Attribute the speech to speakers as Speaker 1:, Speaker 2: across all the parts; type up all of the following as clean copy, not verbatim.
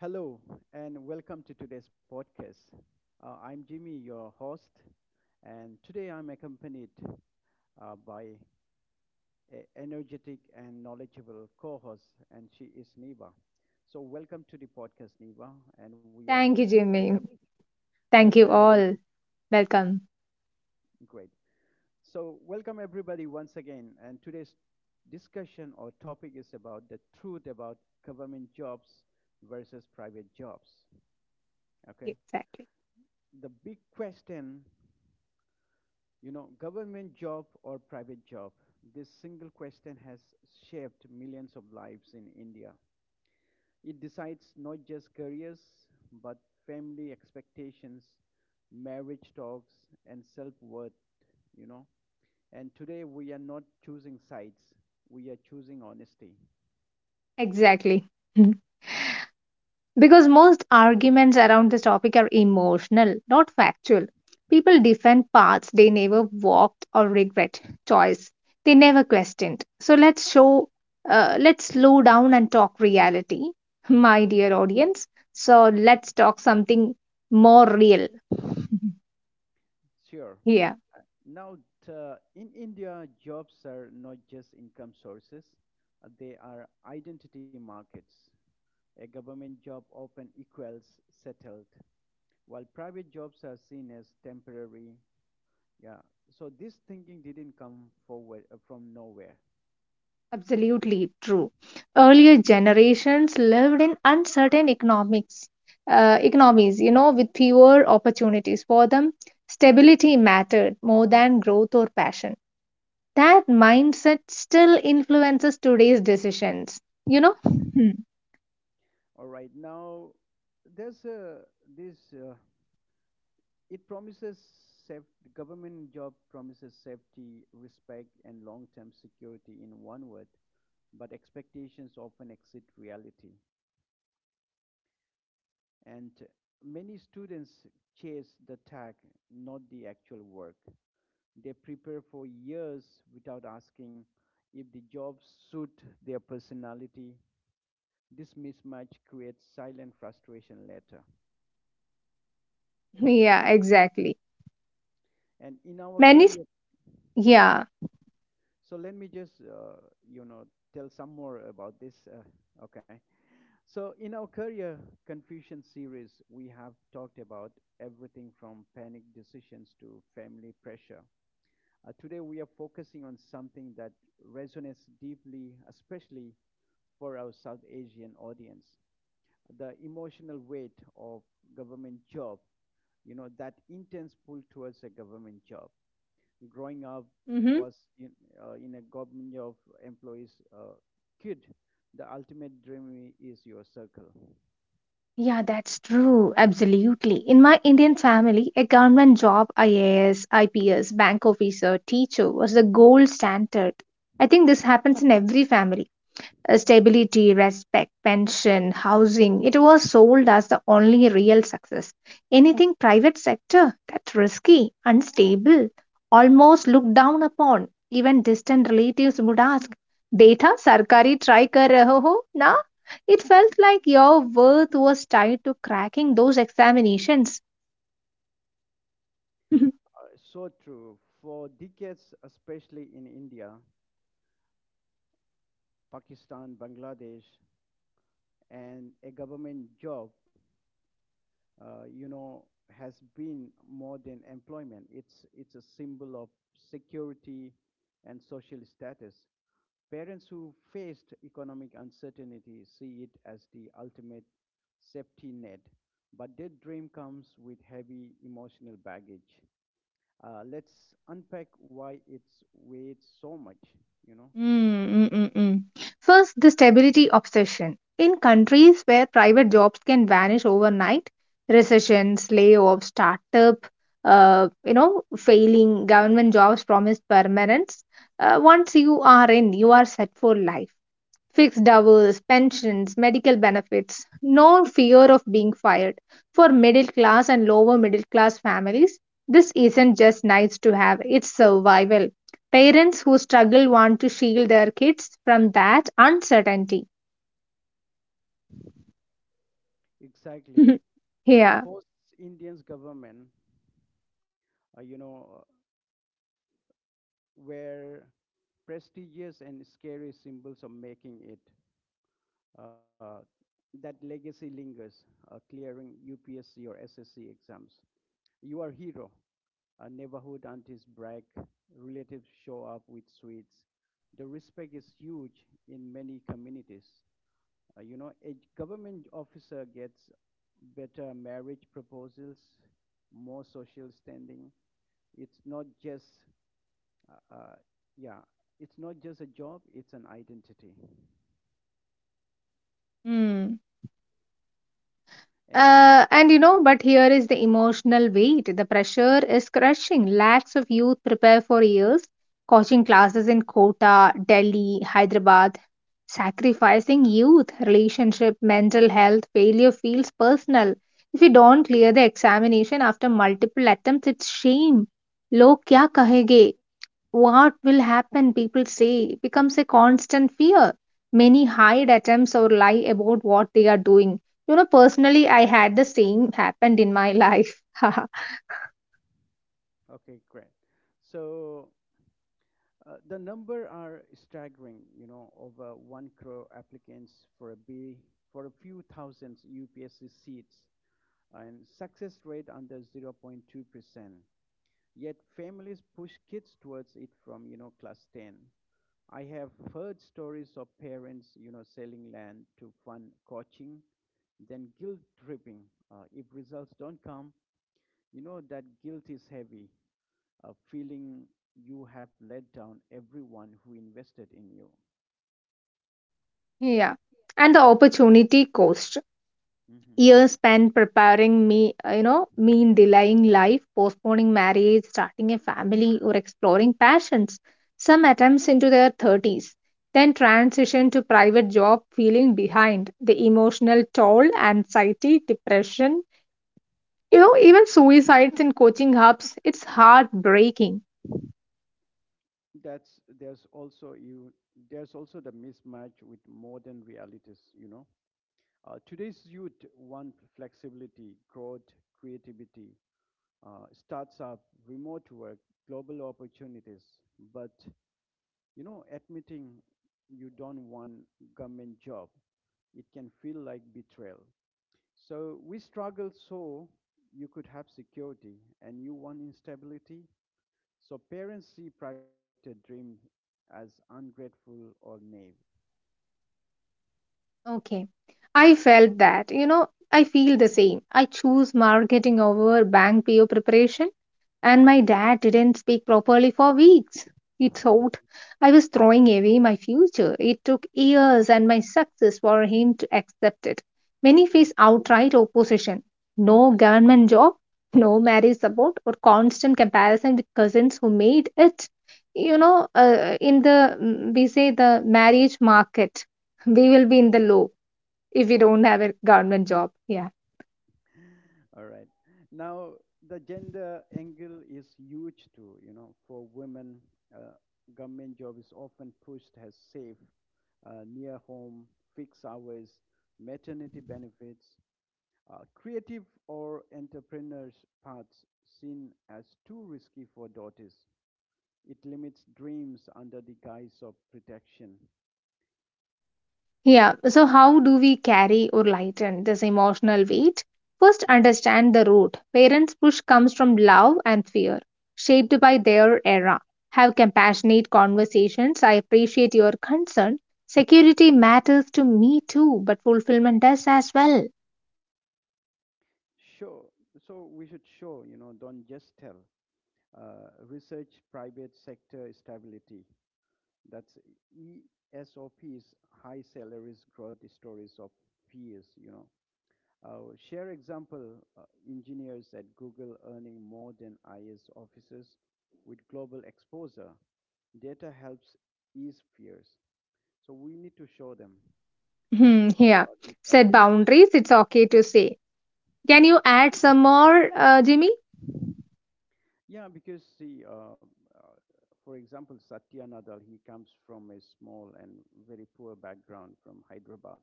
Speaker 1: Hello, and welcome to today's podcast. I'm Jimmy, your host, and today I'm accompanied by an energetic and knowledgeable co host, and she is Neva. So, welcome to the podcast, Neva, and we are
Speaker 2: Thank you,
Speaker 1: we have
Speaker 2: Jimmy.
Speaker 1: thank you,
Speaker 2: Thank
Speaker 1: pleasure
Speaker 2: you
Speaker 1: having you.
Speaker 2: all. Welcome.
Speaker 1: Great. So, welcome everybody once again, and today's discussion or topic is about the truth about government jobs versus private jobs. Okay,
Speaker 2: Exactly.
Speaker 1: the big question. You know, government job or private job, this single question has shaped millions of lives in India. It decides not just careers, but family expectations, marriage talks, and self worth, you know. And today we are not choosing sides, we are choosing honesty.
Speaker 2: Exactly. Mhm. Because most arguments around this topic are emotional, not factual. People defend paths they never walked or regret, choice they never questioned. So let's show, let's slow down and talk reality, my dear audience. So let's talk something more real
Speaker 1: Sure.
Speaker 2: here.
Speaker 1: Now, in India, jobs are not just income sources, they are identity markets. A government job often equals settled, while private jobs are seen as temporary. Yeah. So this thinking didn't come forward from nowhere.
Speaker 2: Absolutely true. Earlier generations lived in uncertain economics, economies, you know, with fewer opportunities for them. Stability mattered more than growth or passion. That
Speaker 1: Uh,
Speaker 2: mindset still influences today's decisions. You know?
Speaker 1: All right. Now there's a this. It promises the government job promises safety, respect, and long-term security in one word, but expectations often exceed reality. And many students chase the tag, not the actual work. They prepare for years without asking if the job suits their personality. This mismatch creates silent frustration later.
Speaker 2: Hmm. Yeah,
Speaker 1: And
Speaker 2: exactly.
Speaker 1: and in our
Speaker 2: Many, s-
Speaker 1: career,
Speaker 2: yeah.
Speaker 1: so let me just you know tell some more about this. Okay, so in our career confusion series, we have talked about everything from panic decisions to family pressure. Today, we are focusing on something that resonates deeply, especially for our South Asian audience. The emotional weight of government job, that intense pull towards a government job. Growing up
Speaker 2: Mhm.
Speaker 1: was in a government job employees kid. The ultimate dream is your circle.
Speaker 2: Yeah, that's true. Absolutely. In my Indian family, a government job, IAS, IPS, bank officer, teacher, was the gold standard. I think this happens in every family, stability, respect, pension, housing. It was sold as the only real success. Anything private sector, that's risky, unstable, almost looked down upon. Even distant relatives would ask, "Beta, sarkari try kar raho ho na?" It felt like your worth was tied to cracking those examinations.
Speaker 1: Uh, so true. For decades, especially in India, Pakistan, Bangladesh, and a government job uh, you know, has been more than employment. It's a symbol of security and social status. Parents who faced economic uncertainty see it as the ultimate safety net, but their dream comes with heavy emotional baggage. Let's unpack why it's weighed so much, you know.
Speaker 2: Mm, mm, mm, mm. First, the stability obsession. In countries where private jobs can vanish overnight, recessions, layoffs, startup, you know, failing, government jobs promise permanence. Once you are in, you are set for life: fixed hours, pensions, medical benefits, no fear of being fired. For middle class and lower middle class families, this isn't just nice to have, it's survival. Parents who struggle want to shield their kids from that uncertainty.
Speaker 1: Exactly. A
Speaker 2: Yeah.
Speaker 1: post Indians government, uh, you know, uh, where prestigious and scary symbols of making it. Uh, that legacy lingers, clearing UPSC or SSC exams. You are a hero. Neighborhood aunties brag, relatives show up with sweets. The respect is huge in many communities. A government officer gets better marriage proposals, more social standing. It's not just, uh, uh, yeah, it's not just a job, it's an identity.
Speaker 2: Hmm.
Speaker 1: And
Speaker 2: And you know, but here is the emotional weight. The pressure is crushing. Lakhs of youth prepare for years. Coaching
Speaker 1: mhm.
Speaker 2: classes in Kota, Delhi, Hyderabad. Sacrificing youth, relationship, mental health, failure feels personal. If you don't clear the examination after multiple attempts, it's shame. Log kya kahenge? What will happen? People say it becomes a constant fear. Many hide attempts or lie about what they are doing. You know, personally, I had the same happened in my life.
Speaker 1: Okay, great. So the number are staggering, over one crore applicants for a B for a few thousands UPSC seats, and success rate under 0.2%. Yet families push kids towards it from, class 10. I have heard stories of parents, selling land to fund coaching, then guilt tripping. If results don't come, that guilt is heavy, feeling you have let down everyone who invested in you.
Speaker 2: Yeah, and the opportunity cost.
Speaker 1: Hmm.
Speaker 2: Years spent preparing me, you know, mean delaying life, postponing marriage, starting a family, or exploring passions. Some attempts into their 30s, then transition to private job, feeling behind. The emotional toll, anxiety, depression, you know, even suicides in coaching hubs, it's heartbreaking.
Speaker 1: That's there's also the mismatch with modern realities. Today's youth want flexibility, growth, creativity, starts up, remote work, global opportunities. But admitting you don't want government job, it can feel like betrayal. So we struggled so you could have security and you want instability. So parents see private sector dream as ungrateful or naive.
Speaker 2: Okay. I felt that. You know, I feel the same. I choose marketing over bank PO preparation and my
Speaker 1: Mhm,
Speaker 2: dad didn't speak properly for weeks. It
Speaker 1: mhm,
Speaker 2: thought I was throwing away my future. It took years and my success for him to accept it. Many
Speaker 1: mhm,
Speaker 2: face outright opposition. No government job, no marriage support, or constant comparison with cousins who made it. You know, in the mm, we say the marriage market, we will
Speaker 1: mhm.
Speaker 2: be in the low if we don't have a government job. Yeah.
Speaker 1: All right. Now, the gender angle is huge too. You know, for women, uh, government job is often pushed as safe, near home, fixed hours, maternity benefits. Creative or entrepreneurs paths seen as too risky for daughters. It limits dreams under the guise of protection.
Speaker 2: Yeah, so how do we carry or lighten this emotional weight? First,
Speaker 1: Mhm,
Speaker 2: understand the root. Parents' push comes from love and fear, shaped
Speaker 1: mhm.
Speaker 2: by their era. Have compassionate conversations. I appreciate your concern. Security matters to me too, but fulfillment does as well.
Speaker 1: Sure. So we should show, don't just tell. Research private sector stability. That's ESOP's high salaries growth stories of peers. Share example engineers at Google earning more than IS officers with global exposure. Data helps ease fears. So we need to show them
Speaker 2: Hmm,
Speaker 1: how
Speaker 2: yeah.
Speaker 1: are these
Speaker 2: Set
Speaker 1: private.
Speaker 2: boundaries. It's okay to say. Can
Speaker 1: Yeah,
Speaker 2: you add some more, Jimmy?
Speaker 1: yeah. Because see, for example, Satya Nadal, he comes from a small and very poor background from Hyderabad.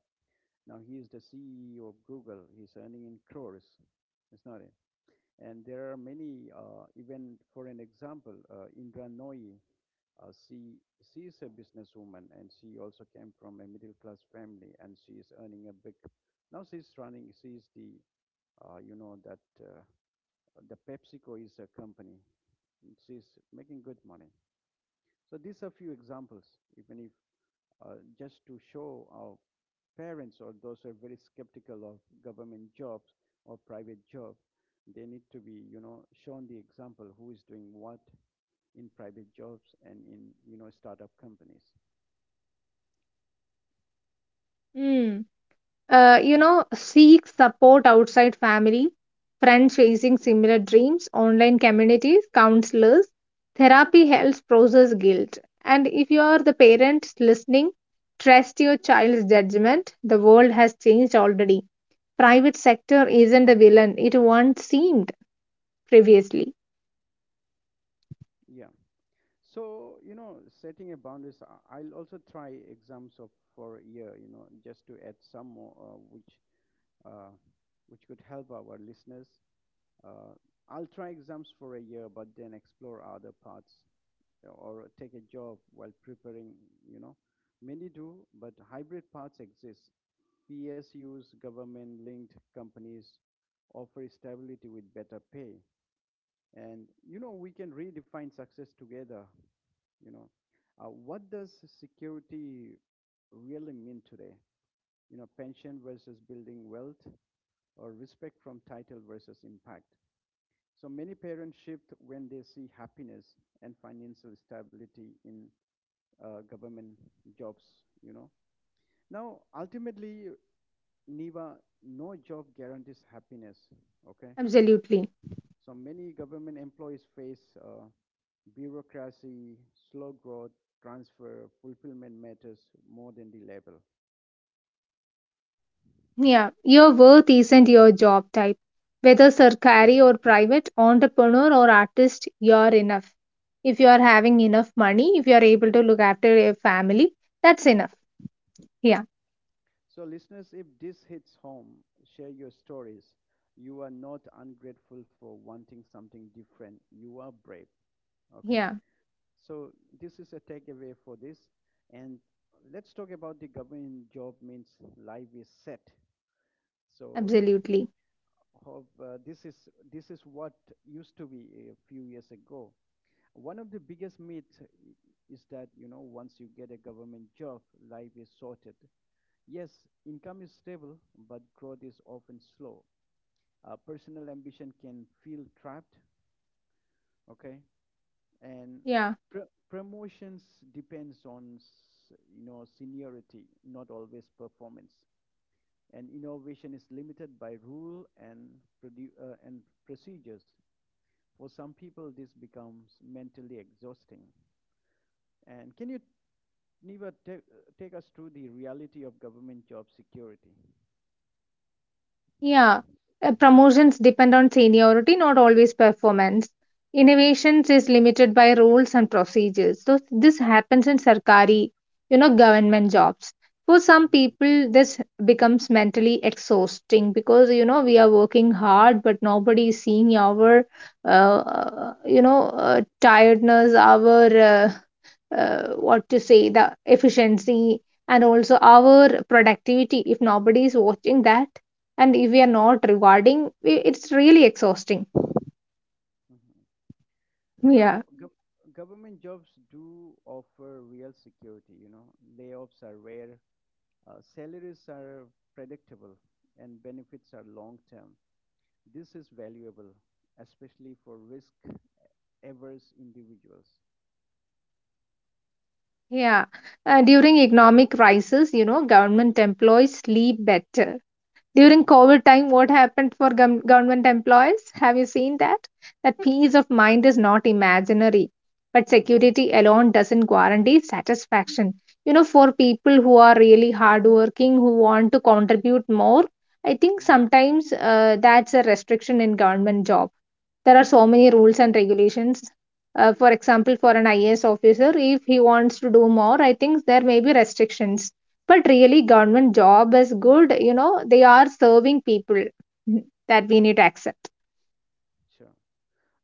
Speaker 1: Now he is the CEO of Google. He's earning in crores. It's not it. And there are many, even for an example, Indra Nooyi, uh, she, she is a businesswoman and she also came from a middle class family and she is earning a big, she is the, you know, that the PepsiCo is a company. She's making good money. So these are few examples, even if just to show parents or those who are very skeptical of government jobs or private jobs. They need to be, shown the example who is doing what in private jobs and in, startup companies.
Speaker 2: Hmm. You know, seek support outside family, friends chasing similar dreams, online communities, counselors. Therapy helps process guilt. And if you are the parent listening, trust your child's judgment. The world has changed already. Private sector isn't the villain it once seemed previously.
Speaker 1: Yeah. So, setting a boundaries, I'll also try exams of for a year, just to add some more, uh, which could help our listeners. Uh, I'll try exams for a year, but then explore other paths or take a job while preparing, you know. Many do, but hybrid paths exist. PSUs, government linked companies offer stability with better pay. And, we can redefine success together, you know. What does security really mean today? You know, pension versus building wealth, or respect from title versus impact. So many parents shift when they see happiness and financial stability in government jobs, you know. Now, ultimately, Niva, no job guarantees happiness, okay?
Speaker 2: Absolutely.
Speaker 1: So many government employees face bureaucracy, slow growth, transfer, fulfillment matters more than the label.
Speaker 2: Yeah, your worth isn't your job type. Whether Sarkari or private, entrepreneur or artist, you're enough. If you are having enough money, if you are able to look after your family, that's enough. Yeah,
Speaker 1: So, listeners, if this hits home, share your stories. You are not ungrateful for wanting something different. You are brave, okay?
Speaker 2: yeah,
Speaker 1: So this is a takeaway for this. And let's talk about the government job means life is set. So
Speaker 2: absolutely.
Speaker 1: hope, this is what used to be a few years ago. One of the biggest myths is that once you get a government job, life is sorted. Yes, income is stable, but growth is often slow. Personal ambition can feel trapped. Okay, and
Speaker 2: Yeah.
Speaker 1: promotions depends on seniority not always performance and innovation is limited by rule and and procedures for some people this becomes mentally exhausting and can you Niva, take us through the reality of government job security.
Speaker 2: Yeah, promotions depend on seniority, not always performance. Innovations is limited by rules and procedures. So this happens in sarkari, you know, government jobs. For some
Speaker 1: Mhm.
Speaker 2: people, this becomes mentally exhausting because you know we are working hard, but nobody is seeing our, you know, tiredness, our,
Speaker 1: Hard work.
Speaker 2: what to say, the efficiency and also our productivity. If nobody is watching that, and if we are not rewarding, it's really exhausting.
Speaker 1: Mhm. Now,
Speaker 2: Yeah,
Speaker 1: government jobs do offer real security, you know. Layoffs are rare, salaries are predictable and benefits are long term. This is valuable, especially for risk averse individuals.
Speaker 2: yeah. During economic crisis, you know, government employees sleep better. During
Speaker 1: Hmm.
Speaker 2: COVID time, what happened for government employees? Have you seen that? That peace of mind is not imaginary, but
Speaker 1: Hmm.
Speaker 2: security alone doesn't guarantee satisfaction. You know, for people who are really hardworking, who want to contribute more, I think
Speaker 1: Hmm.
Speaker 2: sometimes, that's a restriction in government job. There are so
Speaker 1: Hmm.
Speaker 2: many rules and regulations. For example, for an IAS officer, if he wants to do more, I think there may be restrictions. But really, government job is good. You know, they are serving people. That we need to accept.
Speaker 1: Sure.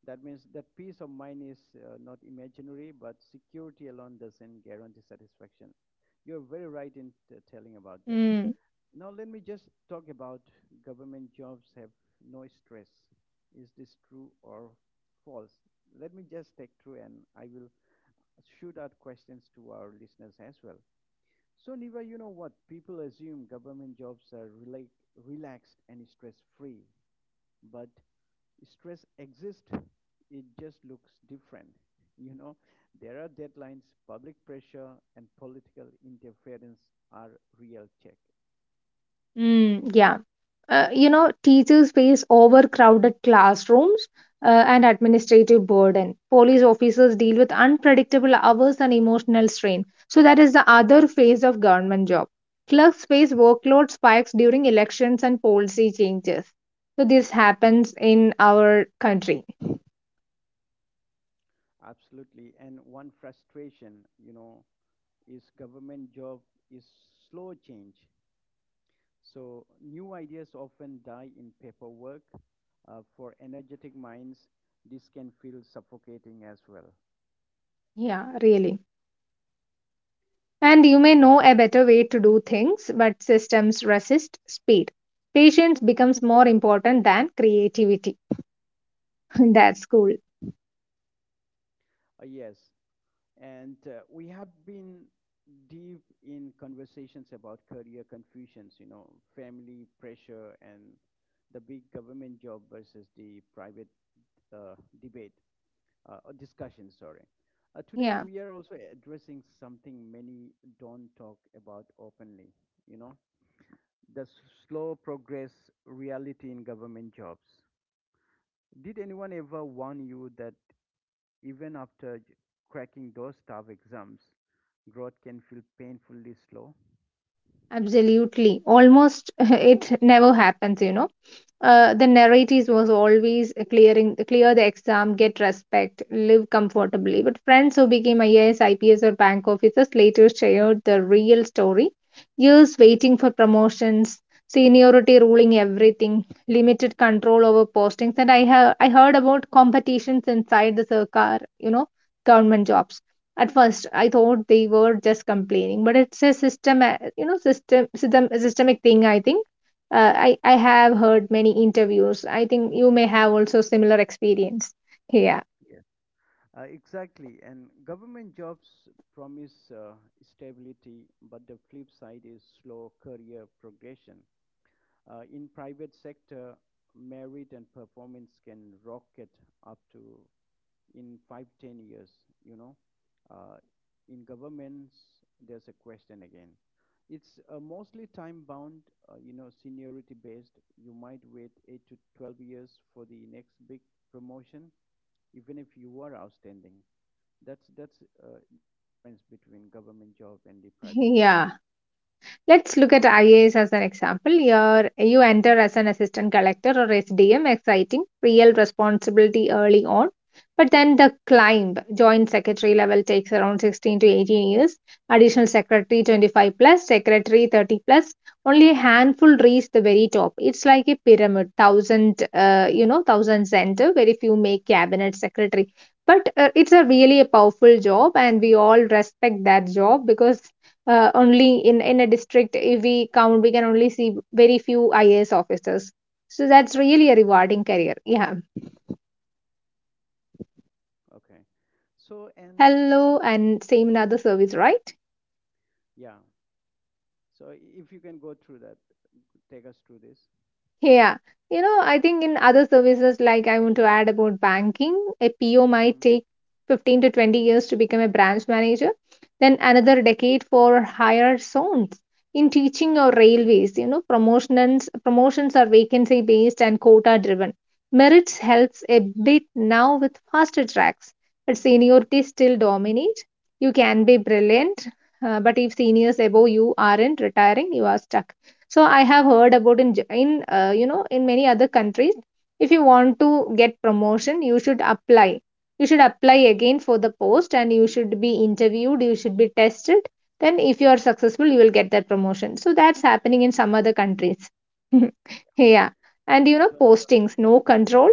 Speaker 1: That means that peace of mind is not imaginary, but security alone doesn't guarantee satisfaction. You're very right in telling about that.
Speaker 2: Mm.
Speaker 1: Now, let me just talk about government jobs have no stress. Is this true or false? Let me just take through and I will should add questions to our listeners as well. So, Niva, you know what? People assume government jobs are relaxed and stress free, but stress exists. It just looks different. You know, there are deadlines, public pressure, and political interference are real check.
Speaker 2: Mm, yeah. You know, teachers face overcrowded classrooms, and
Speaker 1: Mm.
Speaker 2: administrative burden. Police officers deal with unpredictable hours and emotional strain. So that is the other phase of government job. Clerks face workload spikes during elections and policy changes. So this happens in our country.
Speaker 1: Absolutely. And one frustration, you know, is government job is slow change. So new ideas often die in paperwork, for energetic minds, this can feel suffocating as well.
Speaker 2: Yeah, really. And you may know
Speaker 1: So,
Speaker 2: a better way to do things, but systems resist speed. Patience becomes more important than creativity. That's cool.
Speaker 1: yes, and we have been deep in conversations about career confusions, you know, family pressure and the big government job versus the private uh, debate or discussion, sorry. Today,
Speaker 2: Yeah,
Speaker 1: we are also addressing something many don't talk about openly, you know, the slow progress reality in government jobs. Did anyone ever warn you that even after cracking those tough exams, growth can feel painfully slow?
Speaker 2: absolutely. Almost it never happens, you know. The
Speaker 1: Hmm.
Speaker 2: narratives was always clear the exam, get respect, live comfortably. But friends who became IAS, IPS, or bank officers later shared the real story. Years waiting for promotions, seniority ruling everything, limited control over postings, and I heard about competitions inside the Sarkar, you know, government jobs. At first, I thought they were just complaining, but it's a system, you know, systemic thing, I think. I have heard many interviews. I think you may have also similar experience. Yeah,
Speaker 1: Yes. Exactly, and government jobs promise stability, but the flip side is slow career progression. In private sector, merit and performance can rocket up to in 5-10 years, you know uh, in governments there's a question again, it's mostly time bound, seniority based. You might wait 8 to 12 years for the next big promotion, even if you are outstanding. That's the difference between government job and the private job.
Speaker 2: yeah. Let's look at IAS as an example. Here, you enter as an assistant collector or SDM, exciting, real responsibility early on. But then the climb, joint secretary level takes around 16 to 18 years, additional secretary 25 plus, secretary 30 plus. Only a handful reach the very top. It's like a pyramid, thousand, you know, thousand center, very few make cabinet secretary. But it's a really a powerful job, and we all respect that job because, only in a district, if we count, we can only see very few IAS officers. So that's really a rewarding career. Yeah.
Speaker 1: Okay, so
Speaker 2: Hello, and same in other service, right?
Speaker 1: yeah, so if you can go through that, take us through this.
Speaker 2: Yeah, you know, I think in other services, like I want to add about banking, a PO might
Speaker 1: Mm-hmm.
Speaker 2: take 15 to 20 years to become a branch manager, then another decade for higher zones. In teaching or railways, you know, promotions are vacancy based and quota driven. Merits helps a bit now with faster tracks, but
Speaker 1: Mm-hmm.
Speaker 2: seniority still dominates. You can be brilliant, but if seniors above you aren't retiring, you are stuck. So I have heard about in you know, in many other countries, if you want to get promotion, you should apply. You should apply again for the post and you should be interviewed, you should be tested. Then if you are successful, you will get that promotion. So that's happening in some other countries. Yeah. And you know,
Speaker 1: So
Speaker 2: postings, no control.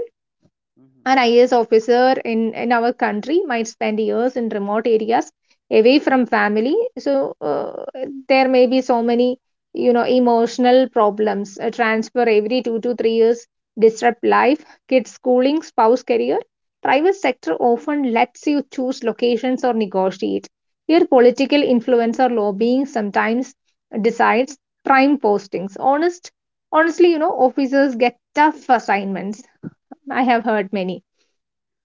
Speaker 1: mm-hmm.
Speaker 2: An IAS officer in our country might spend years in remote areas away from family. So, there may be so many, you know, emotional problems. A transfer every 2 to 3 years disrupt life, kids schooling, spouse career. Private sector often lets you choose locations or negotiate. Here, political influence or lobbying sometimes decides prime postings. Honestly, you know, officers get tough assignments. I
Speaker 1: Yeah.
Speaker 2: have heard many.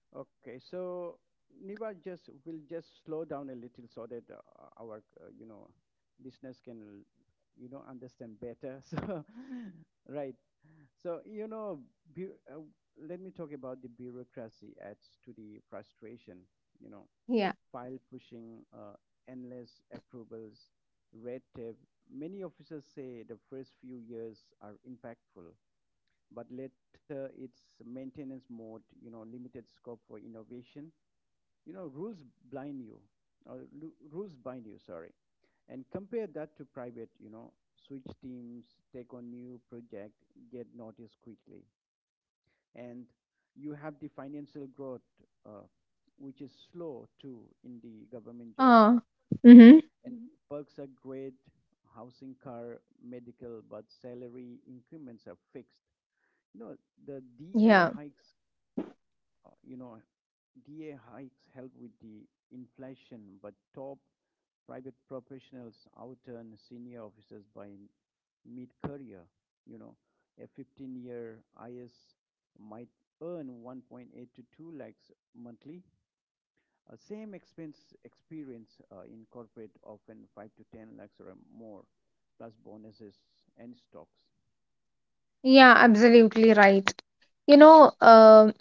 Speaker 1: Okay, so Niva just will just slow down a little so that our listeners can understand better. So right, so you know, bu let me talk about the bureaucracy adds to the frustration. You know,
Speaker 2: Yeah.
Speaker 1: file pushing, endless approvals, red tape. Many officers say the first few years are impactful, but later it's maintenance mode. You know, limited scope for innovation. Rules blind you, or rules bind you, sorry. And compare that to private, switch teams, take on new project, get noticed quickly. And you have the financial growth, uh, which is slow too in the government job.
Speaker 2: Uh, Mm-hmm.
Speaker 1: And perks are great. Housing, car, medical, but salary increments are fixed, you know, the da
Speaker 2: Yeah.
Speaker 1: hikes uh, you know da hikes help with the inflation. But top private professionals outturn senior officers by mid-career. You know, a 15-year IS might earn 1.8 to 2 lakhs monthly. Same expense experience in corporate often 5 to 10 lakhs or more, plus bonuses and stocks.
Speaker 2: Yeah,
Speaker 1: And
Speaker 2: absolutely right. You know,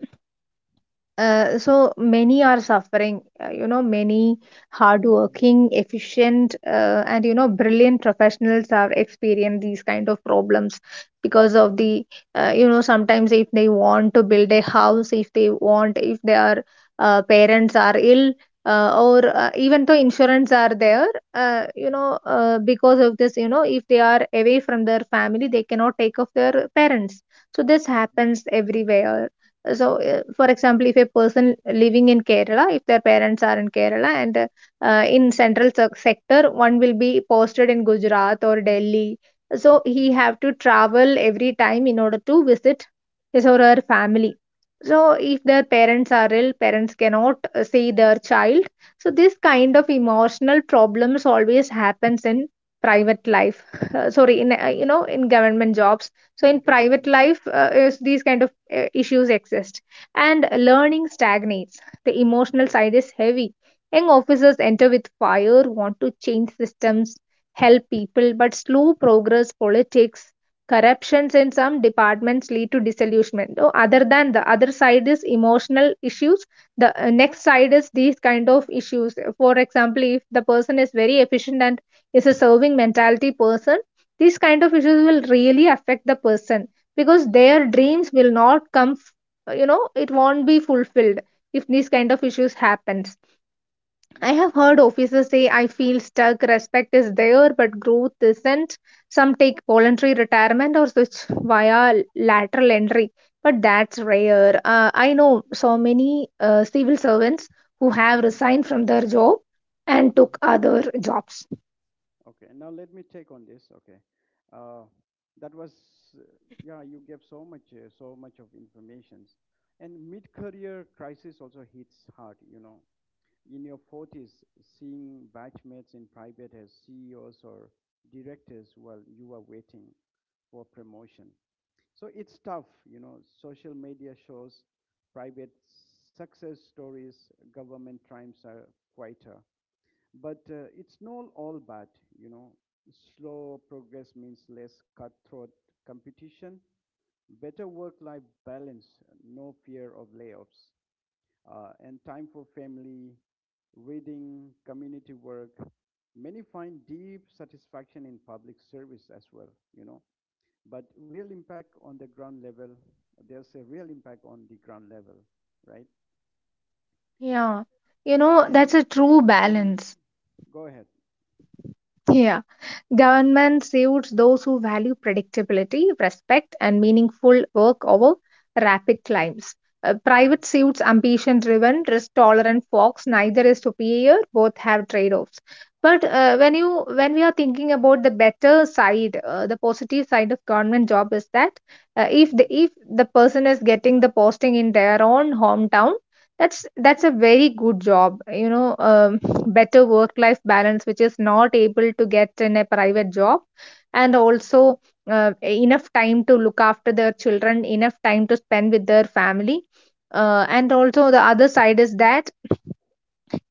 Speaker 2: So many are suffering, you know, many
Speaker 1: mm,
Speaker 2: hardworking, efficient, and you know, brilliant professionals are experiencing these kind of problems because of
Speaker 1: mm,
Speaker 2: the, you know, sometimes if they want to build a house, if they want if their, parents are ill, or even though insurance are there, you
Speaker 1: mm,
Speaker 2: know, because of this, you know, if they are away from their family, they cannot take off their parents. So this
Speaker 1: mhm,
Speaker 2: happens everywhere. So, for example, if a person living in Kerala, if their parents are in Kerala and,
Speaker 1: mhm,
Speaker 2: in central sector, one will be posted in Gujarat or Delhi. So he
Speaker 1: mhm,
Speaker 2: have to travel every time in order to visit his or her family. So if their parents are ill, parents cannot see their child. So this kind
Speaker 1: mhm.
Speaker 2: of emotional problems always happens in private life. Sorry, in
Speaker 1: Right.
Speaker 2: you know in government jobs, so
Speaker 1: In
Speaker 2: in
Speaker 1: government,
Speaker 2: private
Speaker 1: yes.
Speaker 2: life, is these kind of issues exist, and
Speaker 1: Mhm,
Speaker 2: learning stagnates. The emotional
Speaker 1: mhm,
Speaker 2: side is heavy. Young officers
Speaker 1: mhm.
Speaker 2: enter with fire, want to change systems, help people, but slow progress, politics, corruptions in some departments lead to disillusionment. So other than the other side is emotional issues. The next side is these kind of issues. For example, if the person is very efficient and is a serving mentality person, these kind of issues will really affect the person because their dreams will not come it won't be fulfilled if these kind of issues
Speaker 1: Absolutely.
Speaker 2: happens. I
Speaker 1: Yes.
Speaker 2: have heard officers say, I feel stuck, respect is there but growth isn't. Some take voluntary retirement or switch via lateral entry, but that's rare. I know so many civil servants who have
Speaker 1: Mm-hmm.
Speaker 2: resigned from their job and took
Speaker 1: Mm-hmm.
Speaker 2: other jobs.
Speaker 1: Okay, now let me take on this. Okay, uh, that was uh, yeah. You gave so much, so much of informations, and mid-career crisis also hits hard. You know, in your forties, seeing batchmates in private as CEOs or directors while you are waiting for promotion. So it's tough. You know, social media shows private success stories, government triumphs are quieter. But it's not all bad, you know. Slow progress means less cutthroat competition, better work life balance, no fear of layoffs, and time for family, reading, community work. Many find deep satisfaction in public service as well, you know. But real impact on the ground level, there's a real impact on the ground level, right?
Speaker 2: Yeah, you know,
Speaker 1: And
Speaker 2: that's a true
Speaker 1: mhm,
Speaker 2: balance.
Speaker 1: go ahead.
Speaker 2: Yeah, government suits those who value predictability, respect, and meaningful work over rapid climbs.
Speaker 1: Hmm.
Speaker 2: Private suits ambition driven, risk tolerant folks, neither is superior, both have trade offs. But when you when we are thinking about the better side, the positive side of government job is that, uh, if
Speaker 1: Hmm.
Speaker 2: the if the person is getting the posting in their own hometown, that's a very good job. You know, better work-life balance, which is not able to get in a private job, and also enough time to look after their children, enough time to spend with their family. And also the other side is that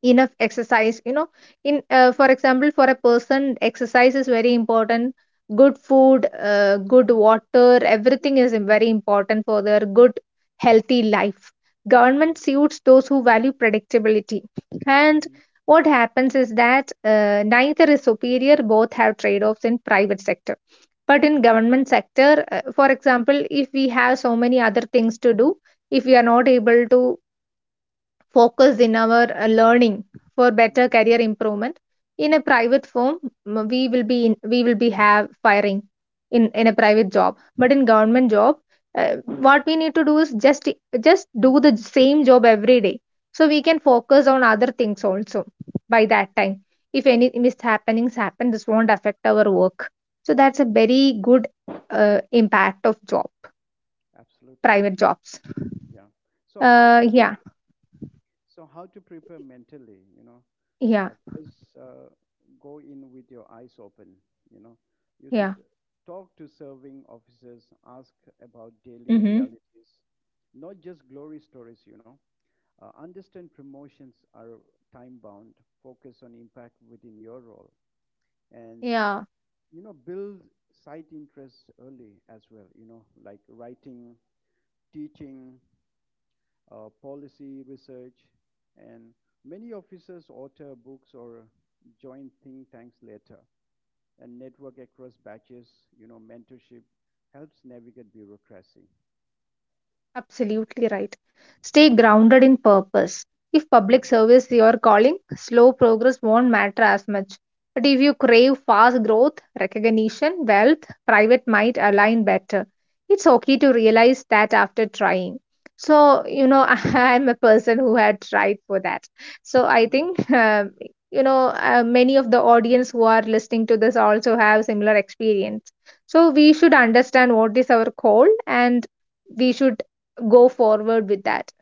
Speaker 2: enough exercise, you know, in for example, for a person exercise is very important, good food, good water, everything is very important for their good healthy life. Government
Speaker 1: Right.
Speaker 2: suits those who value predictability, and
Speaker 1: Mm-hmm.
Speaker 2: what happens is that, neither is superior, both have trade-offs in private sector. But in
Speaker 1: Mm-hmm.
Speaker 2: government sector, for example, if we have so many other things to do, if we are not able to focus in our learning for better
Speaker 1: Mm-hmm.
Speaker 2: career improvement in a private firm, we will be in, we will be have firing in a private job. But in government job, uh, what we need to do is just do the same job every day, so we can focus on other things also. By that time, if any mishappenings happen, this won't affect our work, so that's a very good impact of job.
Speaker 1: Absolutely.
Speaker 2: Private jobs,
Speaker 1: Yeah. So how to
Speaker 2: uh,
Speaker 1: pre-
Speaker 2: yeah
Speaker 1: so how to prepare mentally, you know?
Speaker 2: yeah
Speaker 1: First, go in with your eyes open, you know. You should
Speaker 2: yeah
Speaker 1: talk to serving officers, ask about daily
Speaker 2: mm-hmm.
Speaker 1: realities, not just glory stories, you know. Understand promotions are time bound, focus on impact within your role, and
Speaker 2: Yeah.
Speaker 1: you know build side interests early as well, you know, like writing, teaching, policy research, and many officers author books or join think tanks later, and network across batches. You know, mentorship helps navigate bureaucracy.
Speaker 2: Absolutely right. Stay grounded in purpose. If public
Speaker 1: Mm-hmm.
Speaker 2: service your calling, slow progress won't matter as much. But if you crave fast growth, recognition, wealth, private might align better. It's okay to realize that after trying. So, I'm a person who had tried for that. So I
Speaker 1: Mm-hmm.
Speaker 2: think, many of the audience who are listening to this also have similar experience. So we should understand what is our call and we should go forward with that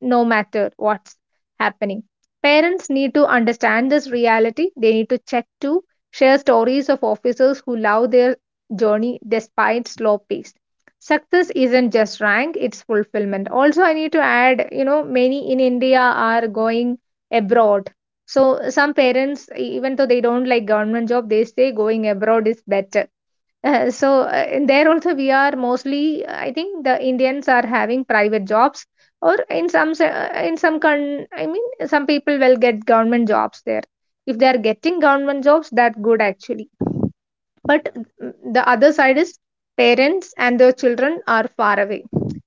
Speaker 2: no matter what's happening. Parents need to understand this reality. They need to check to share stories of officers who love their journey despite slow pace. Success
Speaker 1: Hmm.
Speaker 2: isn't just rank, it's fulfillment. Also, I need to add, many in India are going abroad. So some parents, even though they don't like government job, they say going abroad is better. In there also we are mostly, I think the indians are having private jobs, or in some se- in some con- I mean some people will get government jobs there. If they are getting government jobs, that good actually.
Speaker 1: Yeah,
Speaker 2: But
Speaker 1: that's
Speaker 2: the other side is parents and their children are far away,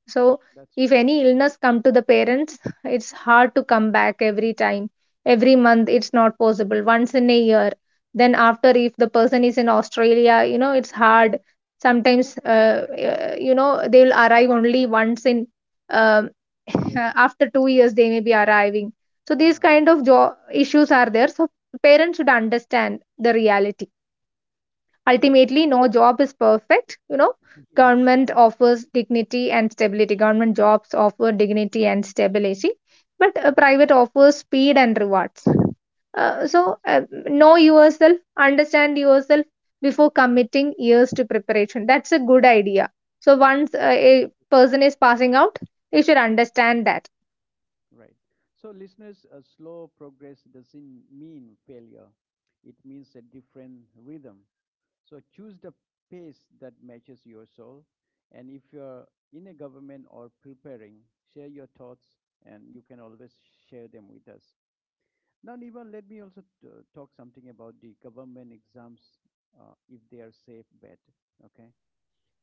Speaker 2: so
Speaker 1: correct.
Speaker 2: if any illness come to the parents, it's hard to come back every time. Every
Speaker 1: Hmm. That's right.
Speaker 2: month
Speaker 1: Mhm.
Speaker 2: it's not possible, once in a year. Then after, if the person is in Australia, you know, it's hard sometimes. uh,
Speaker 1: Right.
Speaker 2: uh, you know they will arrive only once in um,
Speaker 1: Yeah.
Speaker 2: after 2 years they may be arriving. So these
Speaker 1: Uh-huh.
Speaker 2: kind of issues are there. So parents should understand the reality.
Speaker 1: So,
Speaker 2: Ultimately no job is perfect, you know.
Speaker 1: yes.
Speaker 2: Government offers dignity and stability. Government jobs offer dignity and stability, but
Speaker 1: Mhm.
Speaker 2: private offers speed and rewards. uh,
Speaker 1: That's
Speaker 2: so uh,
Speaker 1: right.
Speaker 2: know yourself, understand yourself before committing years to preparation. That's a good idea. So once a person is passing out, they should understand that.
Speaker 1: Right. So, listeners, a slow progress doesn't mean failure. It means a different rhythm. So choose the pace that matches your soul. And if you're in a government or preparing, share your thoughts, and you can always share them with us. Now, Niva, let me also talk something about the government exams, if they are safe bet. Okay.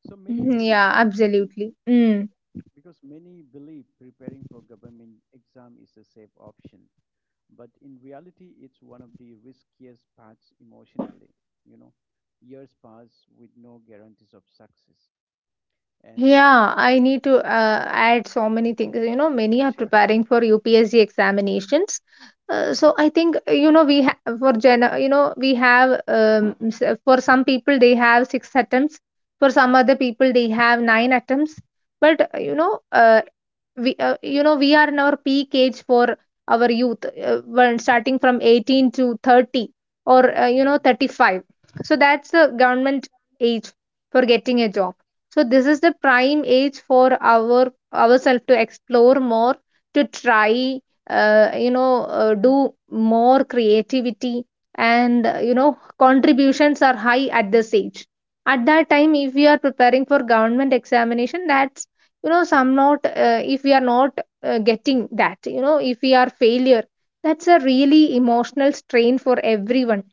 Speaker 1: So
Speaker 2: Mhm,
Speaker 1: many,
Speaker 2: yeah, absolutely. Mm.
Speaker 1: because many believe preparing for government exam is a safe option, but in reality it's one of the riskiest paths emotionally, you know. Years pass with no guarantees of success, and
Speaker 2: Yeah, I need to add so many things. You know, many are
Speaker 1: sure.
Speaker 2: preparing for UPSC examinations.
Speaker 1: Hmm.
Speaker 2: So I think you know we have for gen you know we have s- For some people they have 6 attempts, for some other people they have 9 attempts. But you know, we you know We are in our peak age for our youth, when starting from 18 to 30, or
Speaker 1: Hmm.
Speaker 2: 35. So that's the government age for getting a job. So this is the prime age for our ourselves to explore more, to try, do more creativity, and contributions are high at this age. At that time, if we are preparing for government examination, that's, you know, some not if we are not getting that, you know, if we are failure, that's a really emotional strain for everyone,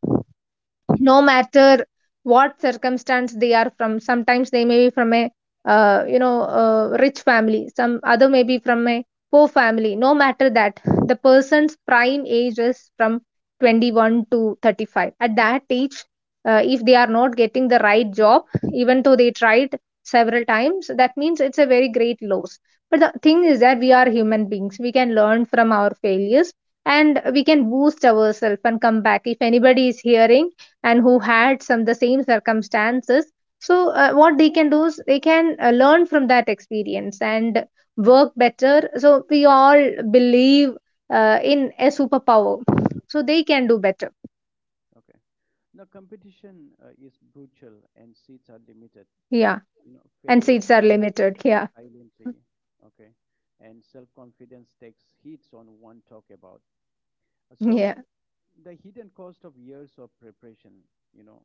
Speaker 2: no
Speaker 1: Okay.
Speaker 2: matter what circumstance they are from. Sometimes they may be from a rich family, some other may be from a poor family. No matter that, the person's prime age is from 21 to 35. At that age, if they are not getting the right job, even though they tried several times, that means it's a very great loss. But the thing is that we are human beings, we can learn from our failures, and
Speaker 1: Mm.
Speaker 2: we can boost ourselves and come back. If anybody is hearing and who had some the same circumstances, so what they can do is they can learn from that experience and work better. So we all believe in a superpower, so they can do better.
Speaker 1: Okay, now competition is brutal and seats are limited.
Speaker 2: Yeah,
Speaker 1: You know,
Speaker 2: and
Speaker 1: failures
Speaker 2: seats are
Speaker 1: pile up
Speaker 2: limited, yeah.
Speaker 1: silently. Okay. And self-confidence takes hits on one talk about.
Speaker 2: Yeah.
Speaker 1: So the hidden cost of years of preparation, you know,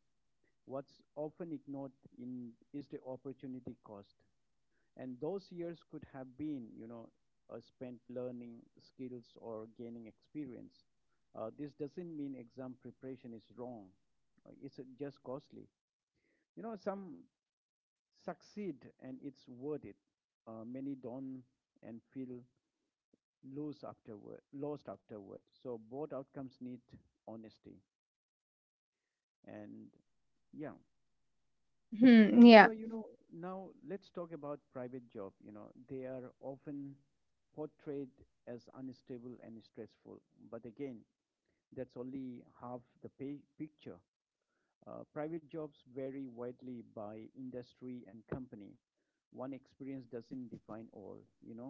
Speaker 1: what's often ignored in is the opportunity cost. And those years could have been, you know, spent learning skills or gaining experience. This doesn't mean exam preparation is wrong. It's just costly. You know, some succeed and it's worth it. Many don't and feel lost afterward. So both outcomes need honesty. And yeah.
Speaker 2: Hmm,
Speaker 1: And
Speaker 2: yeah,
Speaker 1: Niva, you know, now let's talk about private job. You know, they are often portrayed as unstable and stressful, but again, that's only half the pay picture. Private jobs vary widely by industry and company. One experience doesn't define all, you know.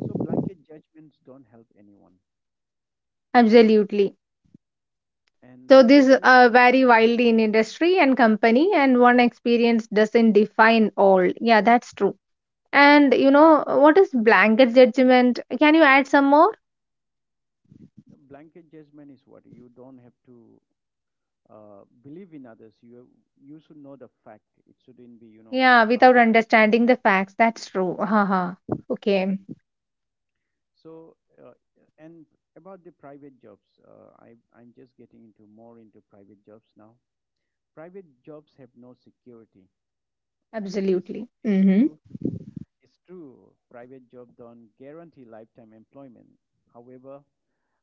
Speaker 1: So blanket judgments don't help anyone.
Speaker 2: absolutely.
Speaker 1: And
Speaker 2: So
Speaker 1: private
Speaker 2: this
Speaker 1: jobs,
Speaker 2: vary wildly in industry and company, and one experience doesn't define all. Yeah, that's true.
Speaker 1: yeah,
Speaker 2: And you know, what is blanket judgment, can you add some more?
Speaker 1: the blanket judgment is what you don't have to believe in others. You should know the fact. It shouldn't be, you know,
Speaker 2: Yeah,
Speaker 1: others
Speaker 2: without
Speaker 1: are saying.
Speaker 2: understanding the facts. That's true. Haha. Okay.
Speaker 1: So uh, and about the private jobs, I'm just getting into more into private jobs now. Private jobs have no security. I- It's
Speaker 2: Absolutely.
Speaker 1: it's
Speaker 2: Mm-hmm.
Speaker 1: true. It's true. Private job don't guarantee lifetime employment. However,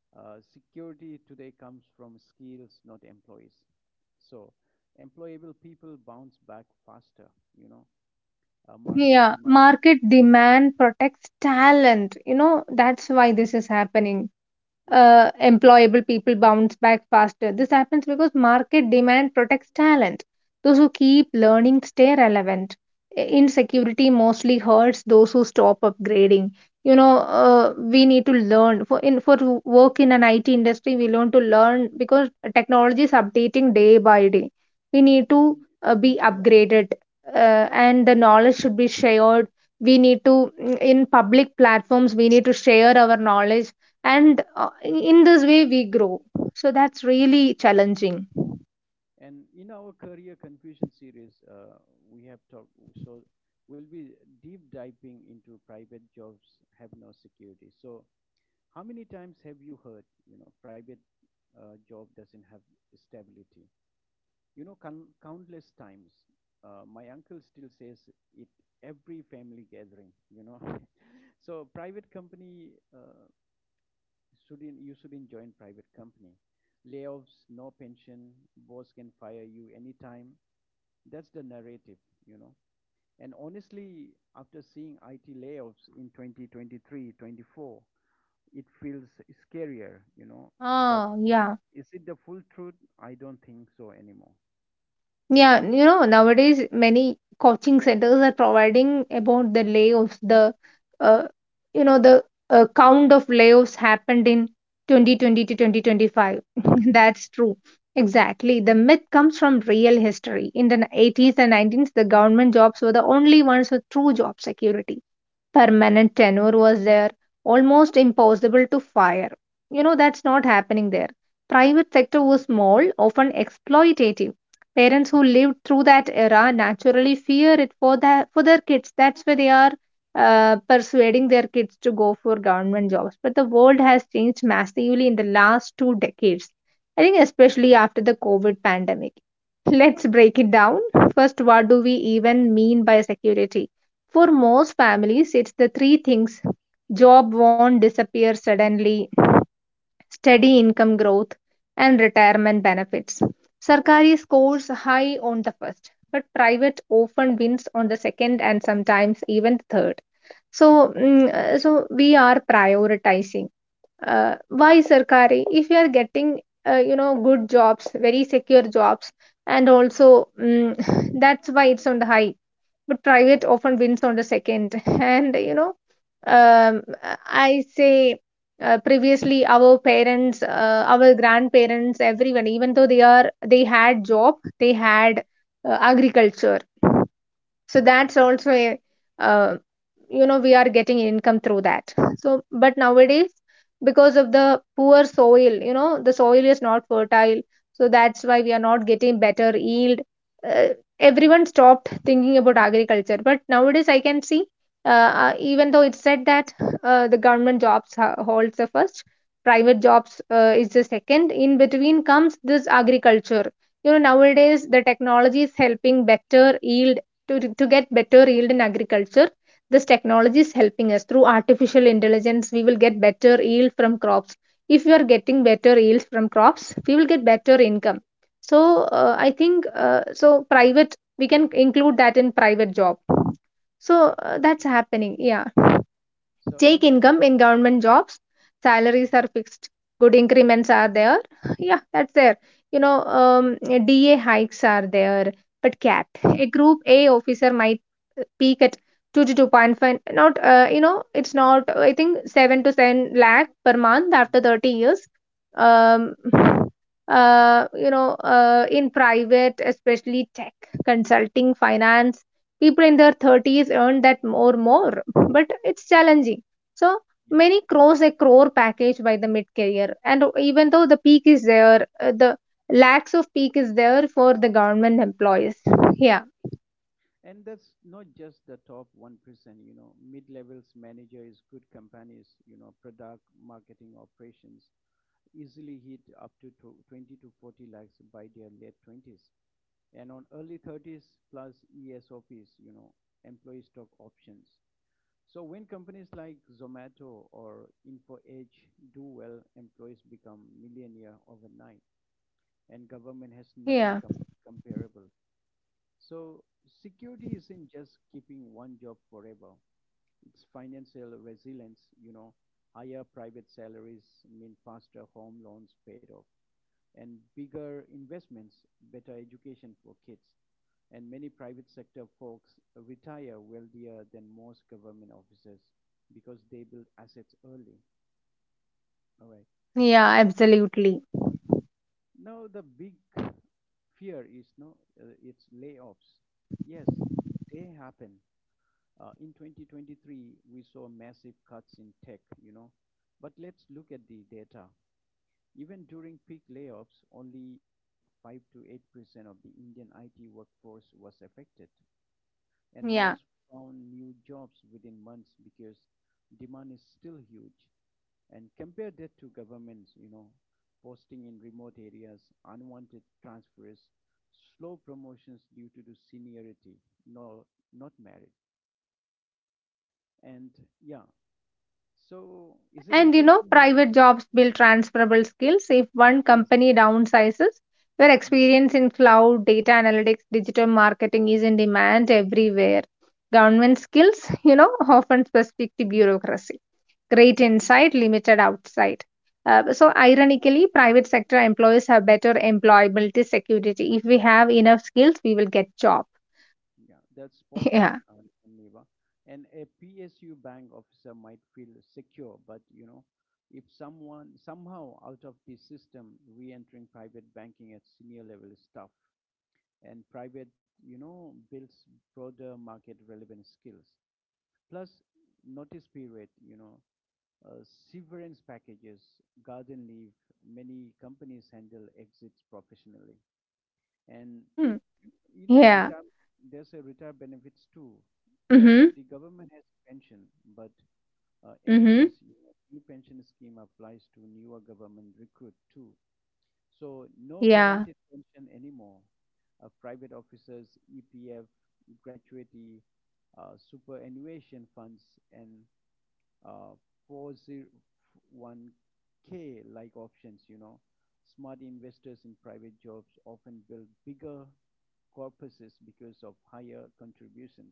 Speaker 1: security today comes from skills, not employees. So employable people bounce back faster. You know, market
Speaker 2: Yeah.
Speaker 1: demand.
Speaker 2: Market demand protects talent. You know, that's why this is happening.
Speaker 1: Mhm,
Speaker 2: Employable people bounce back faster. This happens because market demand protects talent. Those who
Speaker 1: mhm.
Speaker 2: keep learning stay relevant. Insecurity mostly hurts those who stop upgrading. You know, we need to learn for in for to work in an IT industry. We learn to learn because technology is updating day by day. We need to
Speaker 1: We,
Speaker 2: be
Speaker 1: yeah,
Speaker 2: upgraded,
Speaker 1: yes,
Speaker 2: and the knowledge should be shared. We need to, in public platforms, we need to share our knowledge, and in this way we grow, so that's
Speaker 1: yeah.
Speaker 2: really challenging.
Speaker 1: And in our career confusion series, we have talked. So we'll be deep diving into private jobs have no security. So how many times have you heard, you know, private job doesn't have stability? You know, countless times. My uncle still says it every family gathering. You know, so private company. Uh, should not you shouldn't join private company. Layoffs, no pension, boss can fire you anytime. That's the narrative, you know. And honestly, after seeing IT layoffs in 2023, 24, it feels scarier, you know. But
Speaker 2: Ah, yeah.
Speaker 1: is it the full truth? I don't think so anymore.
Speaker 2: Yeah, you know, nowadays many coaching centers are providing about the layoffs, the uh, you know, the count of layoffs happened in 2020 to 2025. That's true. Exactly. The myth comes from real history. In the 80s and 90s, the government jobs were the only ones with true job security. Permanent tenure was there, almost impossible to fire, you know, that's not happening there. Private sector
Speaker 1: Mhm.
Speaker 2: was small, often exploitative. Parents who lived through that era naturally fear it for their kids. That's why they are persuading their kids to go for government jobs. But the world has changed massively in the last 2 decades, I think,
Speaker 1: Yeah,
Speaker 2: especially after the COVID pandemic.
Speaker 1: you're
Speaker 2: Let's
Speaker 1: right.
Speaker 2: break it down. First, what do we even mean by security? For
Speaker 1: Hmm.
Speaker 2: most families, it's the three things: job won't disappear suddenly, steady income growth, and retirement benefits. Sarkari scores high on the first, but private often wins on the second and sometimes even the third. So, so we are prioritizing. Why Sarkari? If you are getting good jobs, very secure jobs, and also that's why it's on the high, but
Speaker 1: Yeah.
Speaker 2: private often wins on the second. And um, I say previously our parents, our grandparents, everyone, even though they had job, they had agriculture, so that's
Speaker 1: Hmm.
Speaker 2: also a uh, we are getting income through that, so but nowadays, because of the poor soil, you know, the soil is not fertile, so that's why we are not getting better yield. uh, Everyone stopped thinking about agriculture, but nowadays I can see, uh, even though it's said that the government jobs holds the first, private jobs is the second. In between comes this agriculture. You know, nowadays the technology is helping better yield, to get better yield in agriculture. This technology is helping us through artificial intelligence. We will get better yield from crops. If we are getting better yields from crops, we will get better income. So I think, private, we can include that in private job.
Speaker 1: Yeah,
Speaker 2: So that's
Speaker 1: that's right.
Speaker 2: happening, yeah.
Speaker 1: So
Speaker 2: Take
Speaker 1: and
Speaker 2: income in government jobs:
Speaker 1: mhm,
Speaker 2: salaries are fixed, good increments are there. Yeah, that's there. You know, um, DA hikes are there. But CAT, a Group A officer might peak at 2 to 2.5, not, it's not, I think, 7 to 10 lakh per month after
Speaker 1: mhm,
Speaker 2: 30 years. Um, in private, especially tech, consulting, finance, people in their 30s earn that more, more. But it's challenging, so
Speaker 1: yeah.
Speaker 2: many cross a crore package by the mid career, and even though the peak is there, the lacks of peak is there for the government employees. Yeah,
Speaker 1: And that's not just the top 1%, you know, mid-levels manager is good companies, you know, product marketing operations easily hit up to 20 to 40 lakhs by their late 20s. And on early 30s plus ESOPs, you know, employee stock options. So when companies like Zomato or InfoEdge do well, employees become millionaire overnight, and government has nothing
Speaker 2: yeah,
Speaker 1: comparable. So security isn't just keeping one job forever. It's financial resilience, you know, higher private salaries mean faster home loans paid off and bigger investments, better education for kids. And many private sector folks retire wealthier than most government officers because they build assets early. All right.
Speaker 2: yeah,
Speaker 1: Now,
Speaker 2: absolutely.
Speaker 1: now the big fear is no, it's layoffs. Yes, they happen. In 2023, we saw massive cuts in tech, you know. But let's look at the data. Even during peak layoffs, only about 5 to 8% of the Indian IT workforce was affected, and most
Speaker 2: Yeah.
Speaker 1: found new jobs within months because demand is still huge. And compare that to governments, you know, posting in remote areas, unwanted transfers, slow promotions due to the seniority, no, not merit. And yeah. So, is it
Speaker 2: And
Speaker 1: interesting, Neva?
Speaker 2: private jobs build transferable skills. If one
Speaker 1: Yes.
Speaker 2: company downsizes, your
Speaker 1: Mm.
Speaker 2: experience in cloud, data analytics, digital marketing is in demand everywhere. Government skills, often specific to bureaucracy. Great inside, limited outside. So ironically, private sector employees have better employability security. If we have enough skills, we will get job.
Speaker 1: Yeah, that's spot on,
Speaker 2: Yeah.
Speaker 1: Neva. And a PSU bank officer might feel secure, but you know, if someone somehow out of the system, re-entering private banking at senior level is tough. And private, you know, builds broader market relevant skills. Plus, notice period, you know, uh, severance packages, garden leave. Many companies handle exits professionally. And
Speaker 2: Hmm.
Speaker 1: you know,
Speaker 2: Yeah.
Speaker 1: retire there's a retire benefits too. Yes,
Speaker 2: Mm-hmm.
Speaker 1: the government has pension, but NPS,
Speaker 2: Mm-hmm.
Speaker 1: you know, new pension scheme applies to newer government recruit too. So no guaranteed
Speaker 2: Yeah.
Speaker 1: pension anymore. Private officers, EPF, gratuity, superannuation funds, and uh, 401k like options, you know. Smart investors in private jobs often build bigger corpuses because of higher contributions.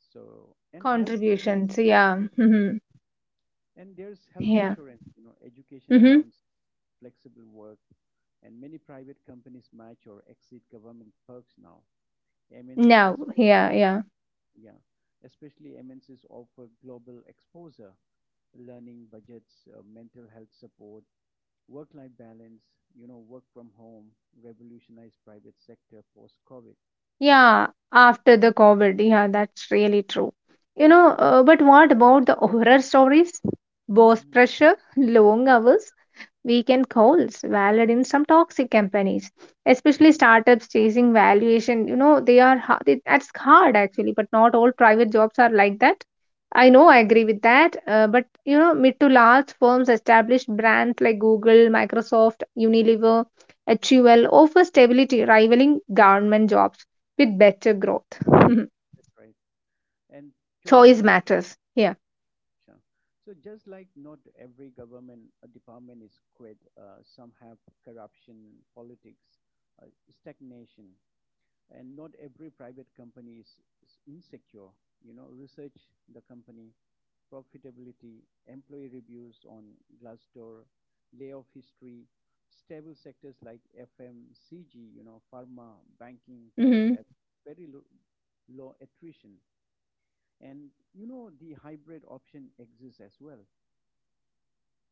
Speaker 1: So, and health insurance,
Speaker 2: Contributions. Yeah. Mm-hmm.
Speaker 1: and there's health
Speaker 2: Yeah.
Speaker 1: insurance, you know, education
Speaker 2: Mm-hmm.
Speaker 1: allowance, flexible work, and many private companies match or exceed government perks now. MNCs
Speaker 2: Yeah, yeah,
Speaker 1: especially,
Speaker 2: yeah.
Speaker 1: yeah, especially MNCs offer global exposure, learning budgets, mental health support, work-life balance, you know, work from home, revolutionized private sector post-COVID.
Speaker 2: Yeah, after the COVID. Yeah, that's really true.
Speaker 1: Hmm.
Speaker 2: But what about the horror stories? Boss
Speaker 1: Hmm.
Speaker 2: pressure, long hours, weekend calls, valued in some toxic companies, especially
Speaker 1: Hmm.
Speaker 2: startups chasing valuation. You know, they are ha- they, that's hard actually, but not all private jobs are like that. I know
Speaker 1: Hmm.
Speaker 2: I agree with that, but you know, mid to large firms, established brands like Google, Microsoft, Unilever, HUL offer stability, rivaling government jobs with better growth.
Speaker 1: That's right. And choice
Speaker 2: Choice
Speaker 1: matters.
Speaker 2: matters here.
Speaker 1: Sure. So just like not every government department is great, some have corruption, politics, uh, stagnation, and not every private company is insecure. You know, research the company, profitability, employee reviews on Glassdoor, layoff history, stable sectors like FMCG, you know, pharma, banking, private
Speaker 2: Hmm.
Speaker 1: have very low, low attrition, and you know the hybrid option exists as well.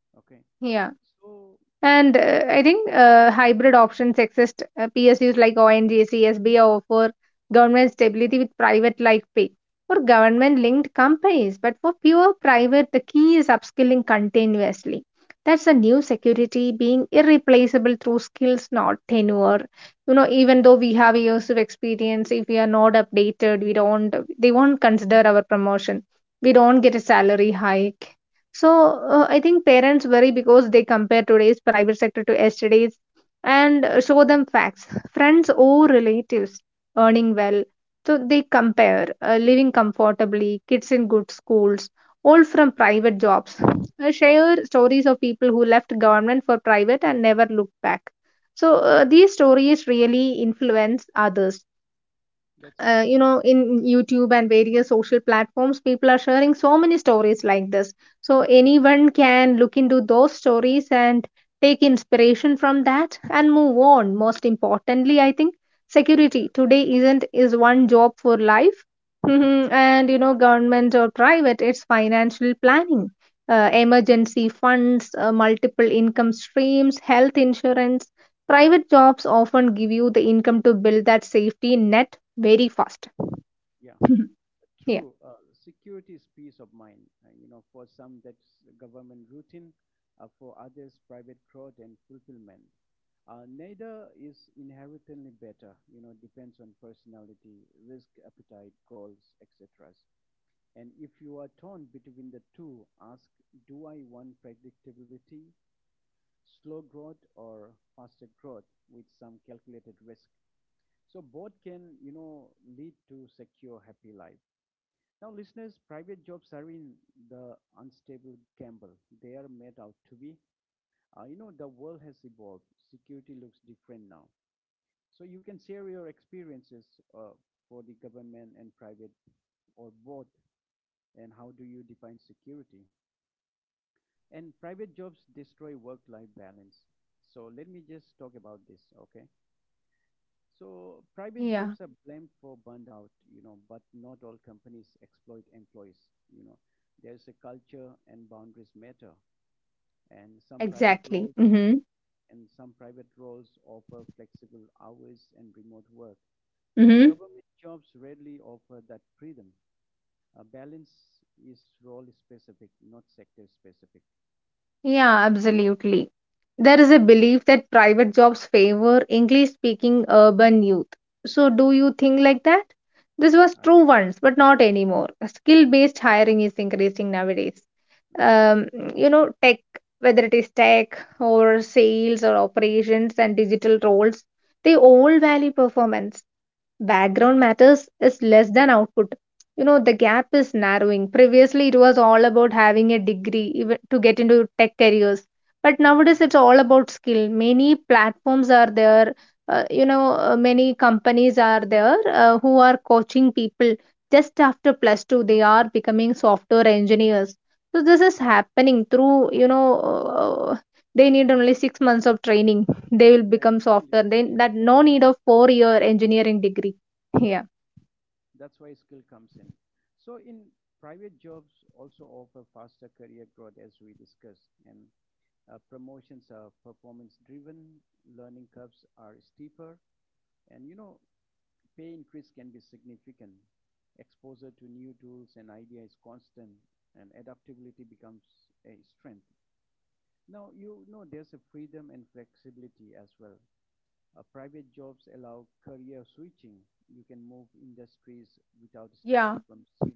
Speaker 1: Okay.
Speaker 2: Yeah.
Speaker 1: So.
Speaker 2: And I think, hybrid options exist. PSUs like ONGC, SBI offer government stability with private like pay for government linked companies. But for pure private, the key is upskilling continuously. That's a new security, being irreplaceable through skills, not tenure. You know, even though we have years of experience, if we are not updated, we don't, they won't consider our promotion. We don't get a salary hike. So I think parents worry because they compare today's private sector to yesterday's, and show them facts. Friends or relatives earning well. So they compare, living comfortably, kids in good schools, all from private jobs. Share stories of people who left government for private and never looked back. So
Speaker 1: Hmm.
Speaker 2: these stories really influence others.
Speaker 1: That's right.
Speaker 2: In youtube and various social platforms, people are sharing so many stories like this, so anyone can look into those stories and take inspiration from that and move on. Most importantly, I think
Speaker 1: Yeah.
Speaker 2: security today isn't is one job for life. Mhm. And you know, government or private, it's financial planning, emergency funds, multiple income streams, health insurance. Private jobs often give you the income to build that safety net very fast.
Speaker 1: Yeah.
Speaker 2: Yeah.
Speaker 1: True. Security is peace of mind, you know, for some that's government routine, for others private growth and fulfillment. Neither is inherently better, you know. Depends on personality, risk appetite, goals, etc. And if you are torn between the two, ask, do I want predictability, slow growth, or faster growth with some calculated risk. So both can, you know, lead to secure happy life. Now, listeners, private jobs are in the unstable gamble. They are made out to be. You know, the world has evolved. Security looks different now. So you can share your experiences uh, for the government and private, or both. And how do you define security? And private jobs destroy work-life balance. So let me just talk about this, okay? So private jobs
Speaker 2: Yeah,
Speaker 1: are blamed for burnout, you know, but not all companies exploit employees. You know, there's a culture and boundaries matter, and
Speaker 2: exactly. Mm-hmm.
Speaker 1: some private roles offer flexible hours and remote work. You know,
Speaker 2: Mm-hmm.
Speaker 1: government jobs rarely offer that freedom. Balance is role specific, not sector specific.
Speaker 2: Yeah, absolutely. There is a belief that private jobs favor English speaking urban youth. So, do you think like that? This
Speaker 1: I
Speaker 2: was
Speaker 1: don't
Speaker 2: true
Speaker 1: think
Speaker 2: once, but not anymore.
Speaker 1: so,
Speaker 2: Skill
Speaker 1: right.
Speaker 2: based hiring is increasing nowadays.
Speaker 1: Yeah.
Speaker 2: Um, Tech, whether it is tech or sales or operations and digital roles, they all value performance.
Speaker 1: Hmm.
Speaker 2: Background matters is less than output. You know, the gap is narrowing. Previously it was all about having a degree even to get into tech careers, but
Speaker 1: Hmm.
Speaker 2: nowadays it's all about skill. Many platforms are there. Many companies are there, who are coaching people. Just after plus 2, they are becoming software engineers. So this is happening through, you know, uh, they need only 6 months of training, they will
Speaker 1: Yeah,
Speaker 2: become software
Speaker 1: skill is
Speaker 2: then.
Speaker 1: what
Speaker 2: That no
Speaker 1: comes.
Speaker 2: need of 4-year engineering degree. yeah
Speaker 1: That's why skill comes in. So in private jobs also offer faster career growth as we discussed, and promotions are performance driven, learning curves are steeper, and you know pay increase can be significant. Exposure to new tools and idea is constant, and adaptability becomes a strength. Now you know there's a freedom and flexibility as well. Private jobs allow career switching. You can move industries without starting
Speaker 2: Yeah.
Speaker 1: from zero.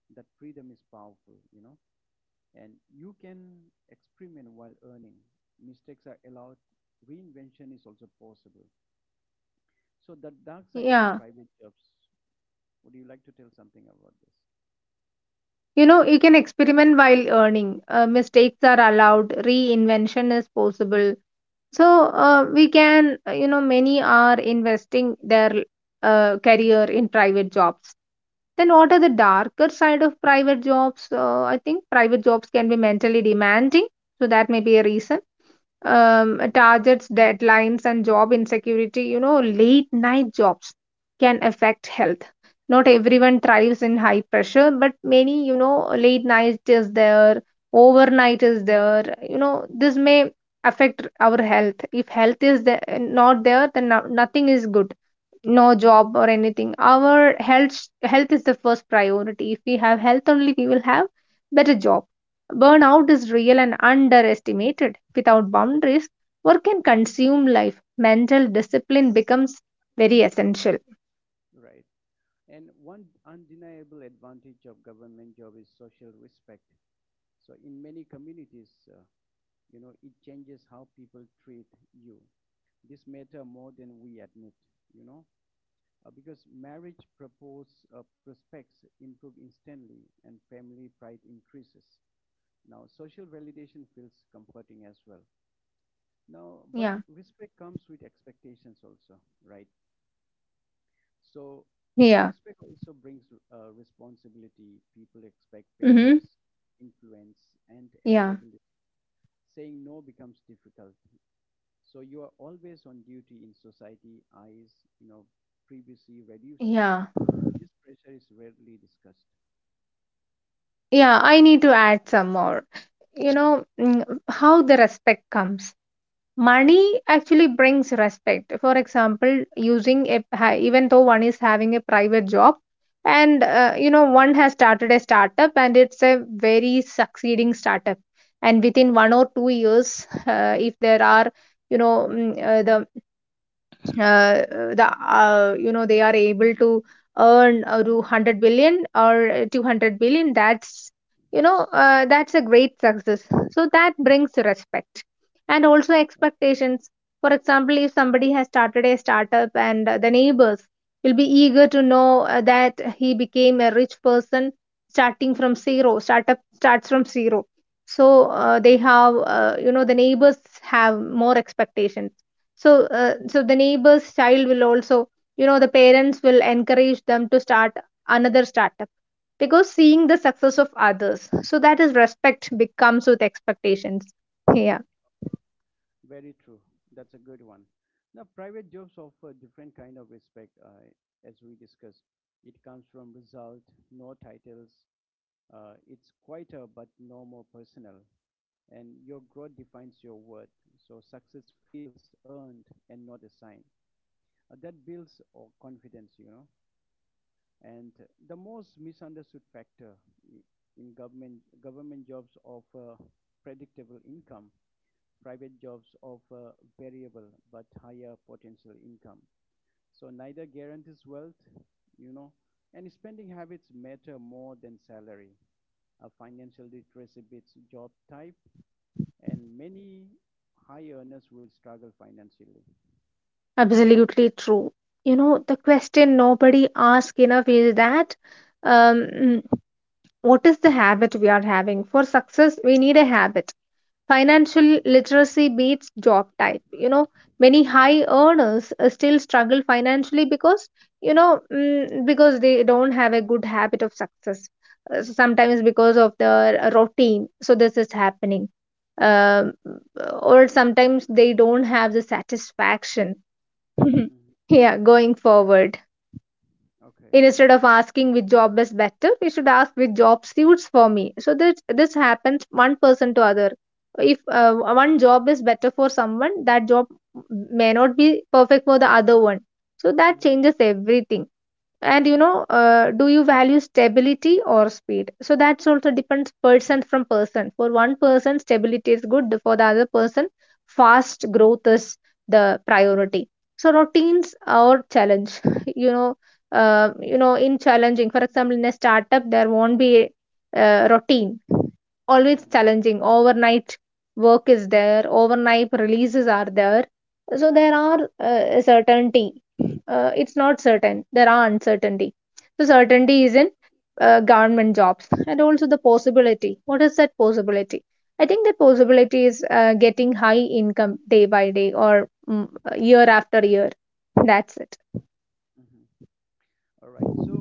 Speaker 1: That freedom is powerful, and you can experiment while earning. Mistakes are allowed, reinvention is also possible. So the dark side of the
Speaker 2: Yeah.
Speaker 1: private jobs, would you like to tell something about this?
Speaker 2: You know, you can experiment while earning. Mistakes are allowed, reinvention is possible. So, we can, you know, many are investing their career in private jobs. Then, what are the darker side of private jobs? I think private jobs can be mentally demanding. So, that may be a reason. Targets, deadlines, and job insecurity, you know, late night jobs can affect health. Not everyone thrives in high pressure, but many, you know, late night is there, overnight is there. You know, this may affect our health. If health is the not there, then nothing is good, no job or anything. Our health is the first priority. If we have health, only we will have better job. Burnout is real and underestimated. Without boundaries, work can consume life. Mental discipline becomes very essential.
Speaker 1: Right, and one undeniable advantage of government job is social respect. So in many communities, it changes how people treat you. This matter more than we admit, you know because marriage propose, prospects improve instantly and family pride increases. Now social validation feels comforting as well. Now but
Speaker 2: Yeah,
Speaker 1: respect comes with expectations also. Right, so
Speaker 2: yeah.
Speaker 1: respect also brings responsibility. People expect
Speaker 2: Mm-hmm.
Speaker 1: favors, influence and
Speaker 2: Yeah,
Speaker 1: availability. Saying no becomes difficult, so you are always on duty in society eyes, you know privacy reduces.
Speaker 2: yeah,
Speaker 1: This pressure is rarely discussed.
Speaker 2: yeah, I need to add some more.
Speaker 1: Mm,
Speaker 2: you know mm, how the respect comes. Money actually brings respect. For example, even though one is having a private job, and one has started a startup and it's a very succeeding startup, and within 1 or 2 years if there are, you know mm, uh, the they are able to earn, to 100 billion or 200 billion. That's, you know, that's a great success. So that brings respect, and also expectations. For example, if somebody has started a startup and the neighbors will be eager to know, that he became a rich person, starting from zero, startup starts from zero. So they have, the neighbors have more expectations. So, the neighbor's child will also, you know, the parents will encourage them to start another startup, because seeing the success of others. So that is, respect becomes with expectations. Yeah,
Speaker 1: very true. That's a good one. Now, private jobs offer different kind of respect, as we discussed. It comes from result, no titles. It's quieter but no more personal, and your growth defines your worth. So success feels earned and not assigned. That builds confidence, And the most misunderstood factor i- in government jobs offer predictable income, private jobs offer variable but higher potential income. So neither guarantees wealth, you know, and spending habits matter more than salary. A financial literacy beats job type, and many high earners will struggle financially.
Speaker 2: absolutely true. You know, the question nobody asks enough is that, um, mm, what is the habit we are having? For success, we need a habit.
Speaker 1: Mm-hmm.
Speaker 2: Financial literacy beats job type. You know, many high earners still struggle financially because, because they don't have a good habit of success.
Speaker 1: Mm-hmm.
Speaker 2: Sometimes because of the routine. So this is happening. Um, or sometimes they don't have the satisfaction.
Speaker 1: Mm-hmm.
Speaker 2: Yeah, going forward.
Speaker 1: Okay.
Speaker 2: Instead of asking which job is better, we should ask which job suits for me. So this happens one person to other. If one job is better for someone, that job may not be perfect for the other one. So
Speaker 1: Mm-hmm.
Speaker 2: that changes everything. And you know, do you value stability or speed? So that's also depends person from person. For one person stability is good, for the other person fast growth is the priority. So, routines or challenge? you know
Speaker 1: Absolutely.
Speaker 2: in challenging, for example in a startup, there won't be a routine.
Speaker 1: Mm-hmm.
Speaker 2: Always challenging. Overnight work is there, overnight releases are there. So there are, a certainty. It's not certain. There are uncertainty. So certainty is in government jobs, and also the possibility. What is that possibility? I think that possibility is getting high income day by day, or year after year. That's it.
Speaker 1: Mm-hmm. All right. So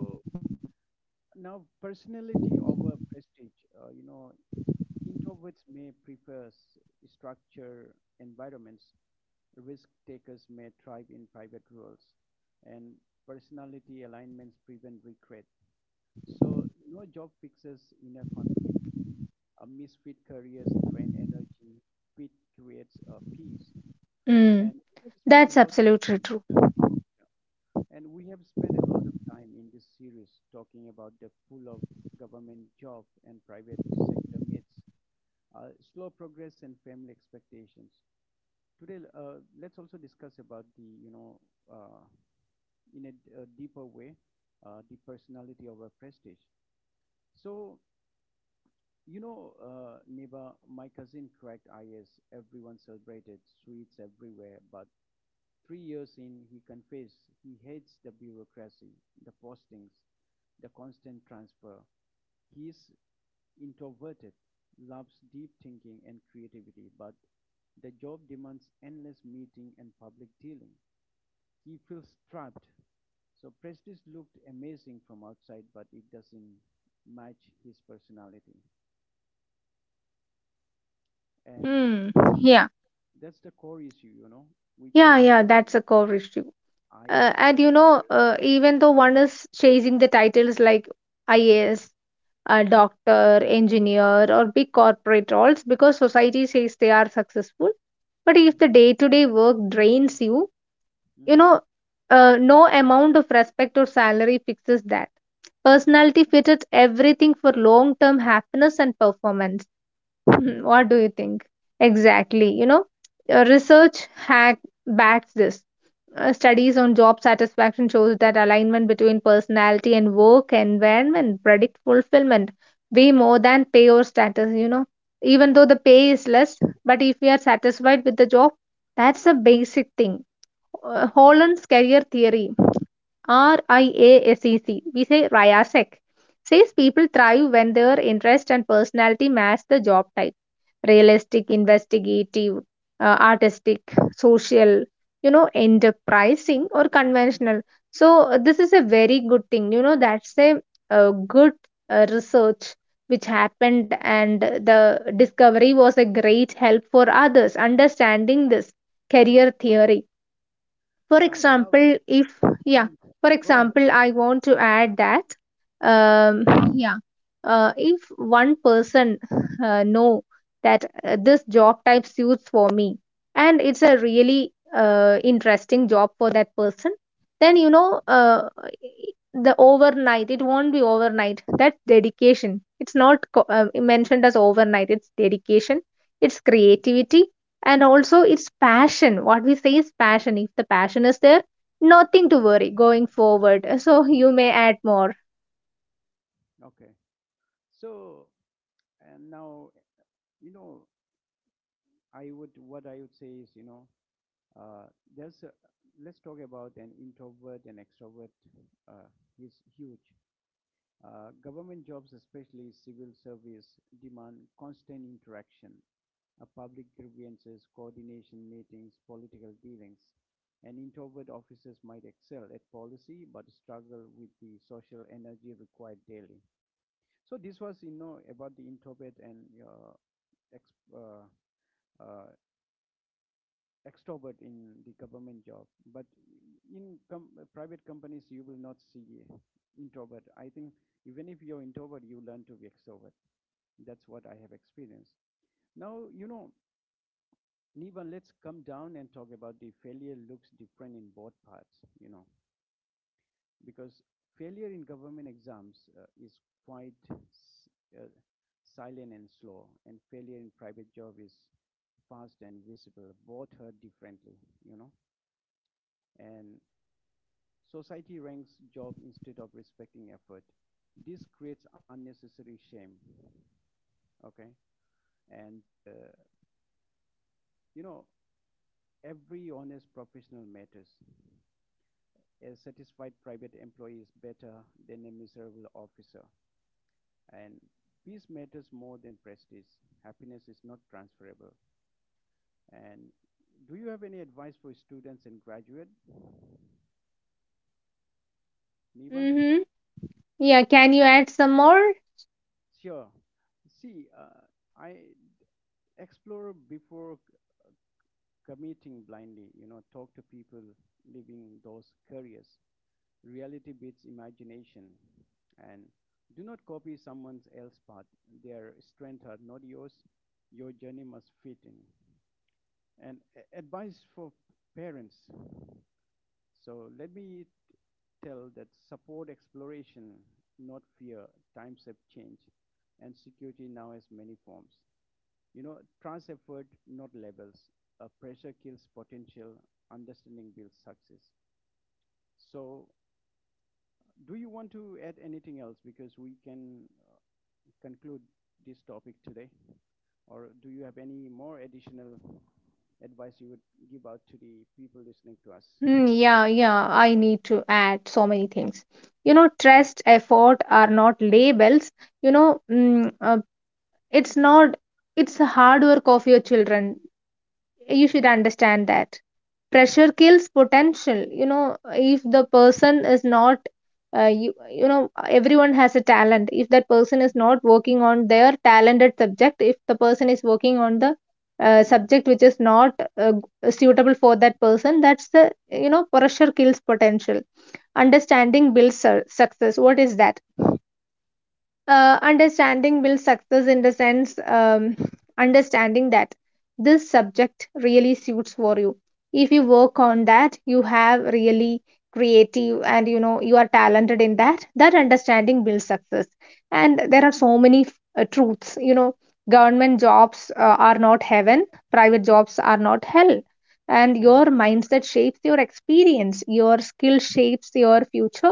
Speaker 1: now, personality over prestige. Uh, you know, Introverts may prefer structured environments. Risk takers may thrive in private roles, and personality alignments prevent regret. So, no job fixes inner conflict. A misfit careers drain energy. Fit creates a peace. And
Speaker 2: Mm,
Speaker 1: we have spent a
Speaker 2: that's
Speaker 1: lot of time,
Speaker 2: absolutely true.
Speaker 1: we have spent a lot of time in this series talking about the pull of government job and private sector myths, slow progress, and family expectations. Today, let's also discuss about the, uh, in a deeper way, the personality of a prestige. So, neighbor my cousin cracked is everyone celebrated, sweets everywhere, but 3 years in he confessed he hates the bureaucracy, the postings, the constant transfer. He is introverted, loves deep thinking and creativity, but the job demands endless meeting and public dealing. He feels trapped. So prestige looked amazing from outside, but it doesn't match his personality. And
Speaker 2: Mm, yeah,
Speaker 1: that's the core issue, We chase
Speaker 2: yeah, yeah.
Speaker 1: titles,
Speaker 2: That's a core issue. Uh,
Speaker 1: IS,
Speaker 2: and you know,
Speaker 1: doctor.
Speaker 2: even though one is chasing the titles like IAS, a doctor, engineer, or big corporate roles, because society says they are successful. But if the
Speaker 1: Hmm.
Speaker 2: day to day work drains you,
Speaker 1: Hmm.
Speaker 2: you know, no amount of respect or salary fixes that. Personality fits everything for long term happiness and performance. Hmm,
Speaker 1: Hmm.
Speaker 2: what do you think? Exactly. You know,
Speaker 1: Yeah.
Speaker 2: research hack backs this. Studies on job satisfaction shows that alignment between personality and work environment predict fulfillment way more than pay or status, you know. Even though the pay is less, but if we are satisfied with the job, that's a basic thing.
Speaker 1: Mhm.
Speaker 2: Holland's career theory. RIASEC, we say RIASEC, says people thrive when their interest and personality match the job type. Realistic, investigative, artistic, social, you know, enterprising or conventional. So, this is a very good thing. You know, good research which happened, and the discovery was a great help for others understanding this career theory. For
Speaker 1: Love.
Speaker 2: example, if
Speaker 1: Mhm.
Speaker 2: Yeah, for
Speaker 1: Go ahead.
Speaker 2: example, I want to add that, um, yeah, if one person know that this job type suits for me, and it's
Speaker 1: Hmm.
Speaker 2: a really interesting job for that person, then you know, the overnight it won't be overnight. That's dedication. It's not mentioned as overnight. It's dedication. It's
Speaker 1: Hmm.
Speaker 2: creativity, and also it's passion. What we say is passion. If the passion is there, nothing to worry, going forward. So you may add more.
Speaker 1: Okay. So and now, you know I would, what I would say is, uh, there's a, let's talk about an introvert and extrovert. Uh, he's huge. Government jobs, especially civil service, demand constant interaction, public grievances, coordination meetings, political dealings. And introvert officers might excel at policy but struggle with the social energy required daily. So this was, about the introvert and ex- uh, uh, extrovert in the government job. But in private companies, you will not see introvert. I think even if you're introvert, you learn to be extrovert. That's what I have experienced. Now, Nivan, let's come down and talk about the failure looks different in both parts, you know, because failure in government exams is quite uh, silent and slow, and failure in private job is fast and visible. Both hurt differently, you know, and society ranks job instead of respecting effort. This creates unnecessary shame, okay? And, you know, every honest professional matters. A satisfied private employee is better than a miserable officer. And peace matters more than prestige. Happiness is not transferable. And do you have any advice for students and graduate, Niba?
Speaker 2: Mm-hmm. Yeah, can you add some more?
Speaker 1: Sure. See, I explore before committing blindly. Talk to people living those careers. Reality beats imagination, and do not copy someone else's path. Their strengths are not yours, your journey must fit in. And advice for parents, so let me tell that support exploration, not fear. Times have changed, and security now has many forms, trans effort not labels. A pressure kills potential, understanding builds success. So do you want to add anything else? Because we can uh, conclude this topic today. Or do you have any more additional advice you would give out to the people listening to us?
Speaker 2: Hmm, yeah, yeah, I need to add so many things. You know,
Speaker 1: Mm-hmm.
Speaker 2: trust effort are not labels. you know mm, uh, it's not it's the hard work of your children, you should
Speaker 1: Mm-hmm.
Speaker 2: understand that. Pressure kills potential. You know, if the person is not you know, everyone has a talent. If that person is not working on their talented subject, if the person is working on the subject which is not uh, suitable for that person, that's the, you know, pressure kills potential.
Speaker 1: Mm-hmm.
Speaker 2: Understanding builds success. What is that? Understanding builds success in the sense, understanding that this subject really suits for you. If you work on that, you have really creative, and you know you are talented in that, that understanding builds success. And there are so many truths. You know, government jobs are not heaven, private jobs are not hell. And your mindset shapes your experience, your skill shapes your future,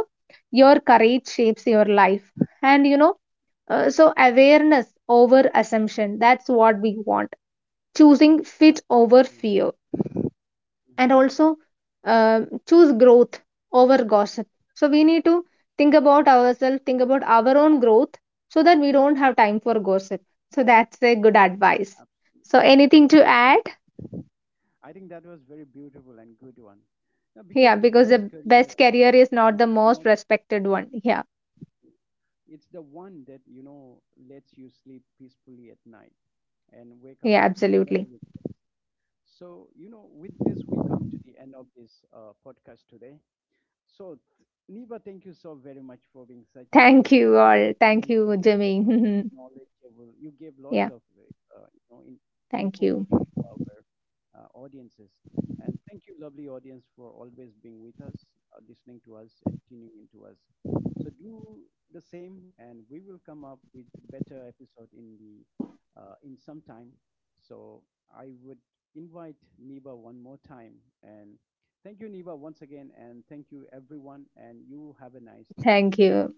Speaker 2: your courage shapes your life. And, awareness over assumption, that's what we want. Choosing fit
Speaker 1: Absolutely.
Speaker 2: over fear.
Speaker 1: Mm-hmm.
Speaker 2: And also, choose growth over gossip. So we need to think about ourselves, think about our own growth, so that we don't have time for gossip. So that's a good advice.
Speaker 1: Abs-.
Speaker 2: So anything to
Speaker 1: Absolutely.
Speaker 2: add?
Speaker 1: I think that was very beautiful and good one. Now, because the
Speaker 2: Yeah,
Speaker 1: best
Speaker 2: because the
Speaker 1: career
Speaker 2: best career
Speaker 1: is
Speaker 2: is not the
Speaker 1: not,
Speaker 2: most respected one. Yeah,
Speaker 1: it's the one that, lets you sleep peacefully at night and wake up with
Speaker 2: yeah,
Speaker 1: no
Speaker 2: absolutely.
Speaker 1: regrets. So, with this, we come to the end of this podcast today. So, Niba, thank you so very much for being such a
Speaker 2: Thank you all. Thank
Speaker 1: energetic
Speaker 2: you, Jimmy.
Speaker 1: knowledgeable. You gave lots of
Speaker 2: Yeah,
Speaker 1: uh, you know in, input
Speaker 2: thank you.
Speaker 1: to our audiences, and thank you, lovely audience, for always being with us, listening to us, and tuning into us. So do the same, and we will come up with better episode in the in some time. So I would invite Niba one more time, and thank you, Niba, once again, and thank you, everyone, and you have a nice day.
Speaker 2: Thank you.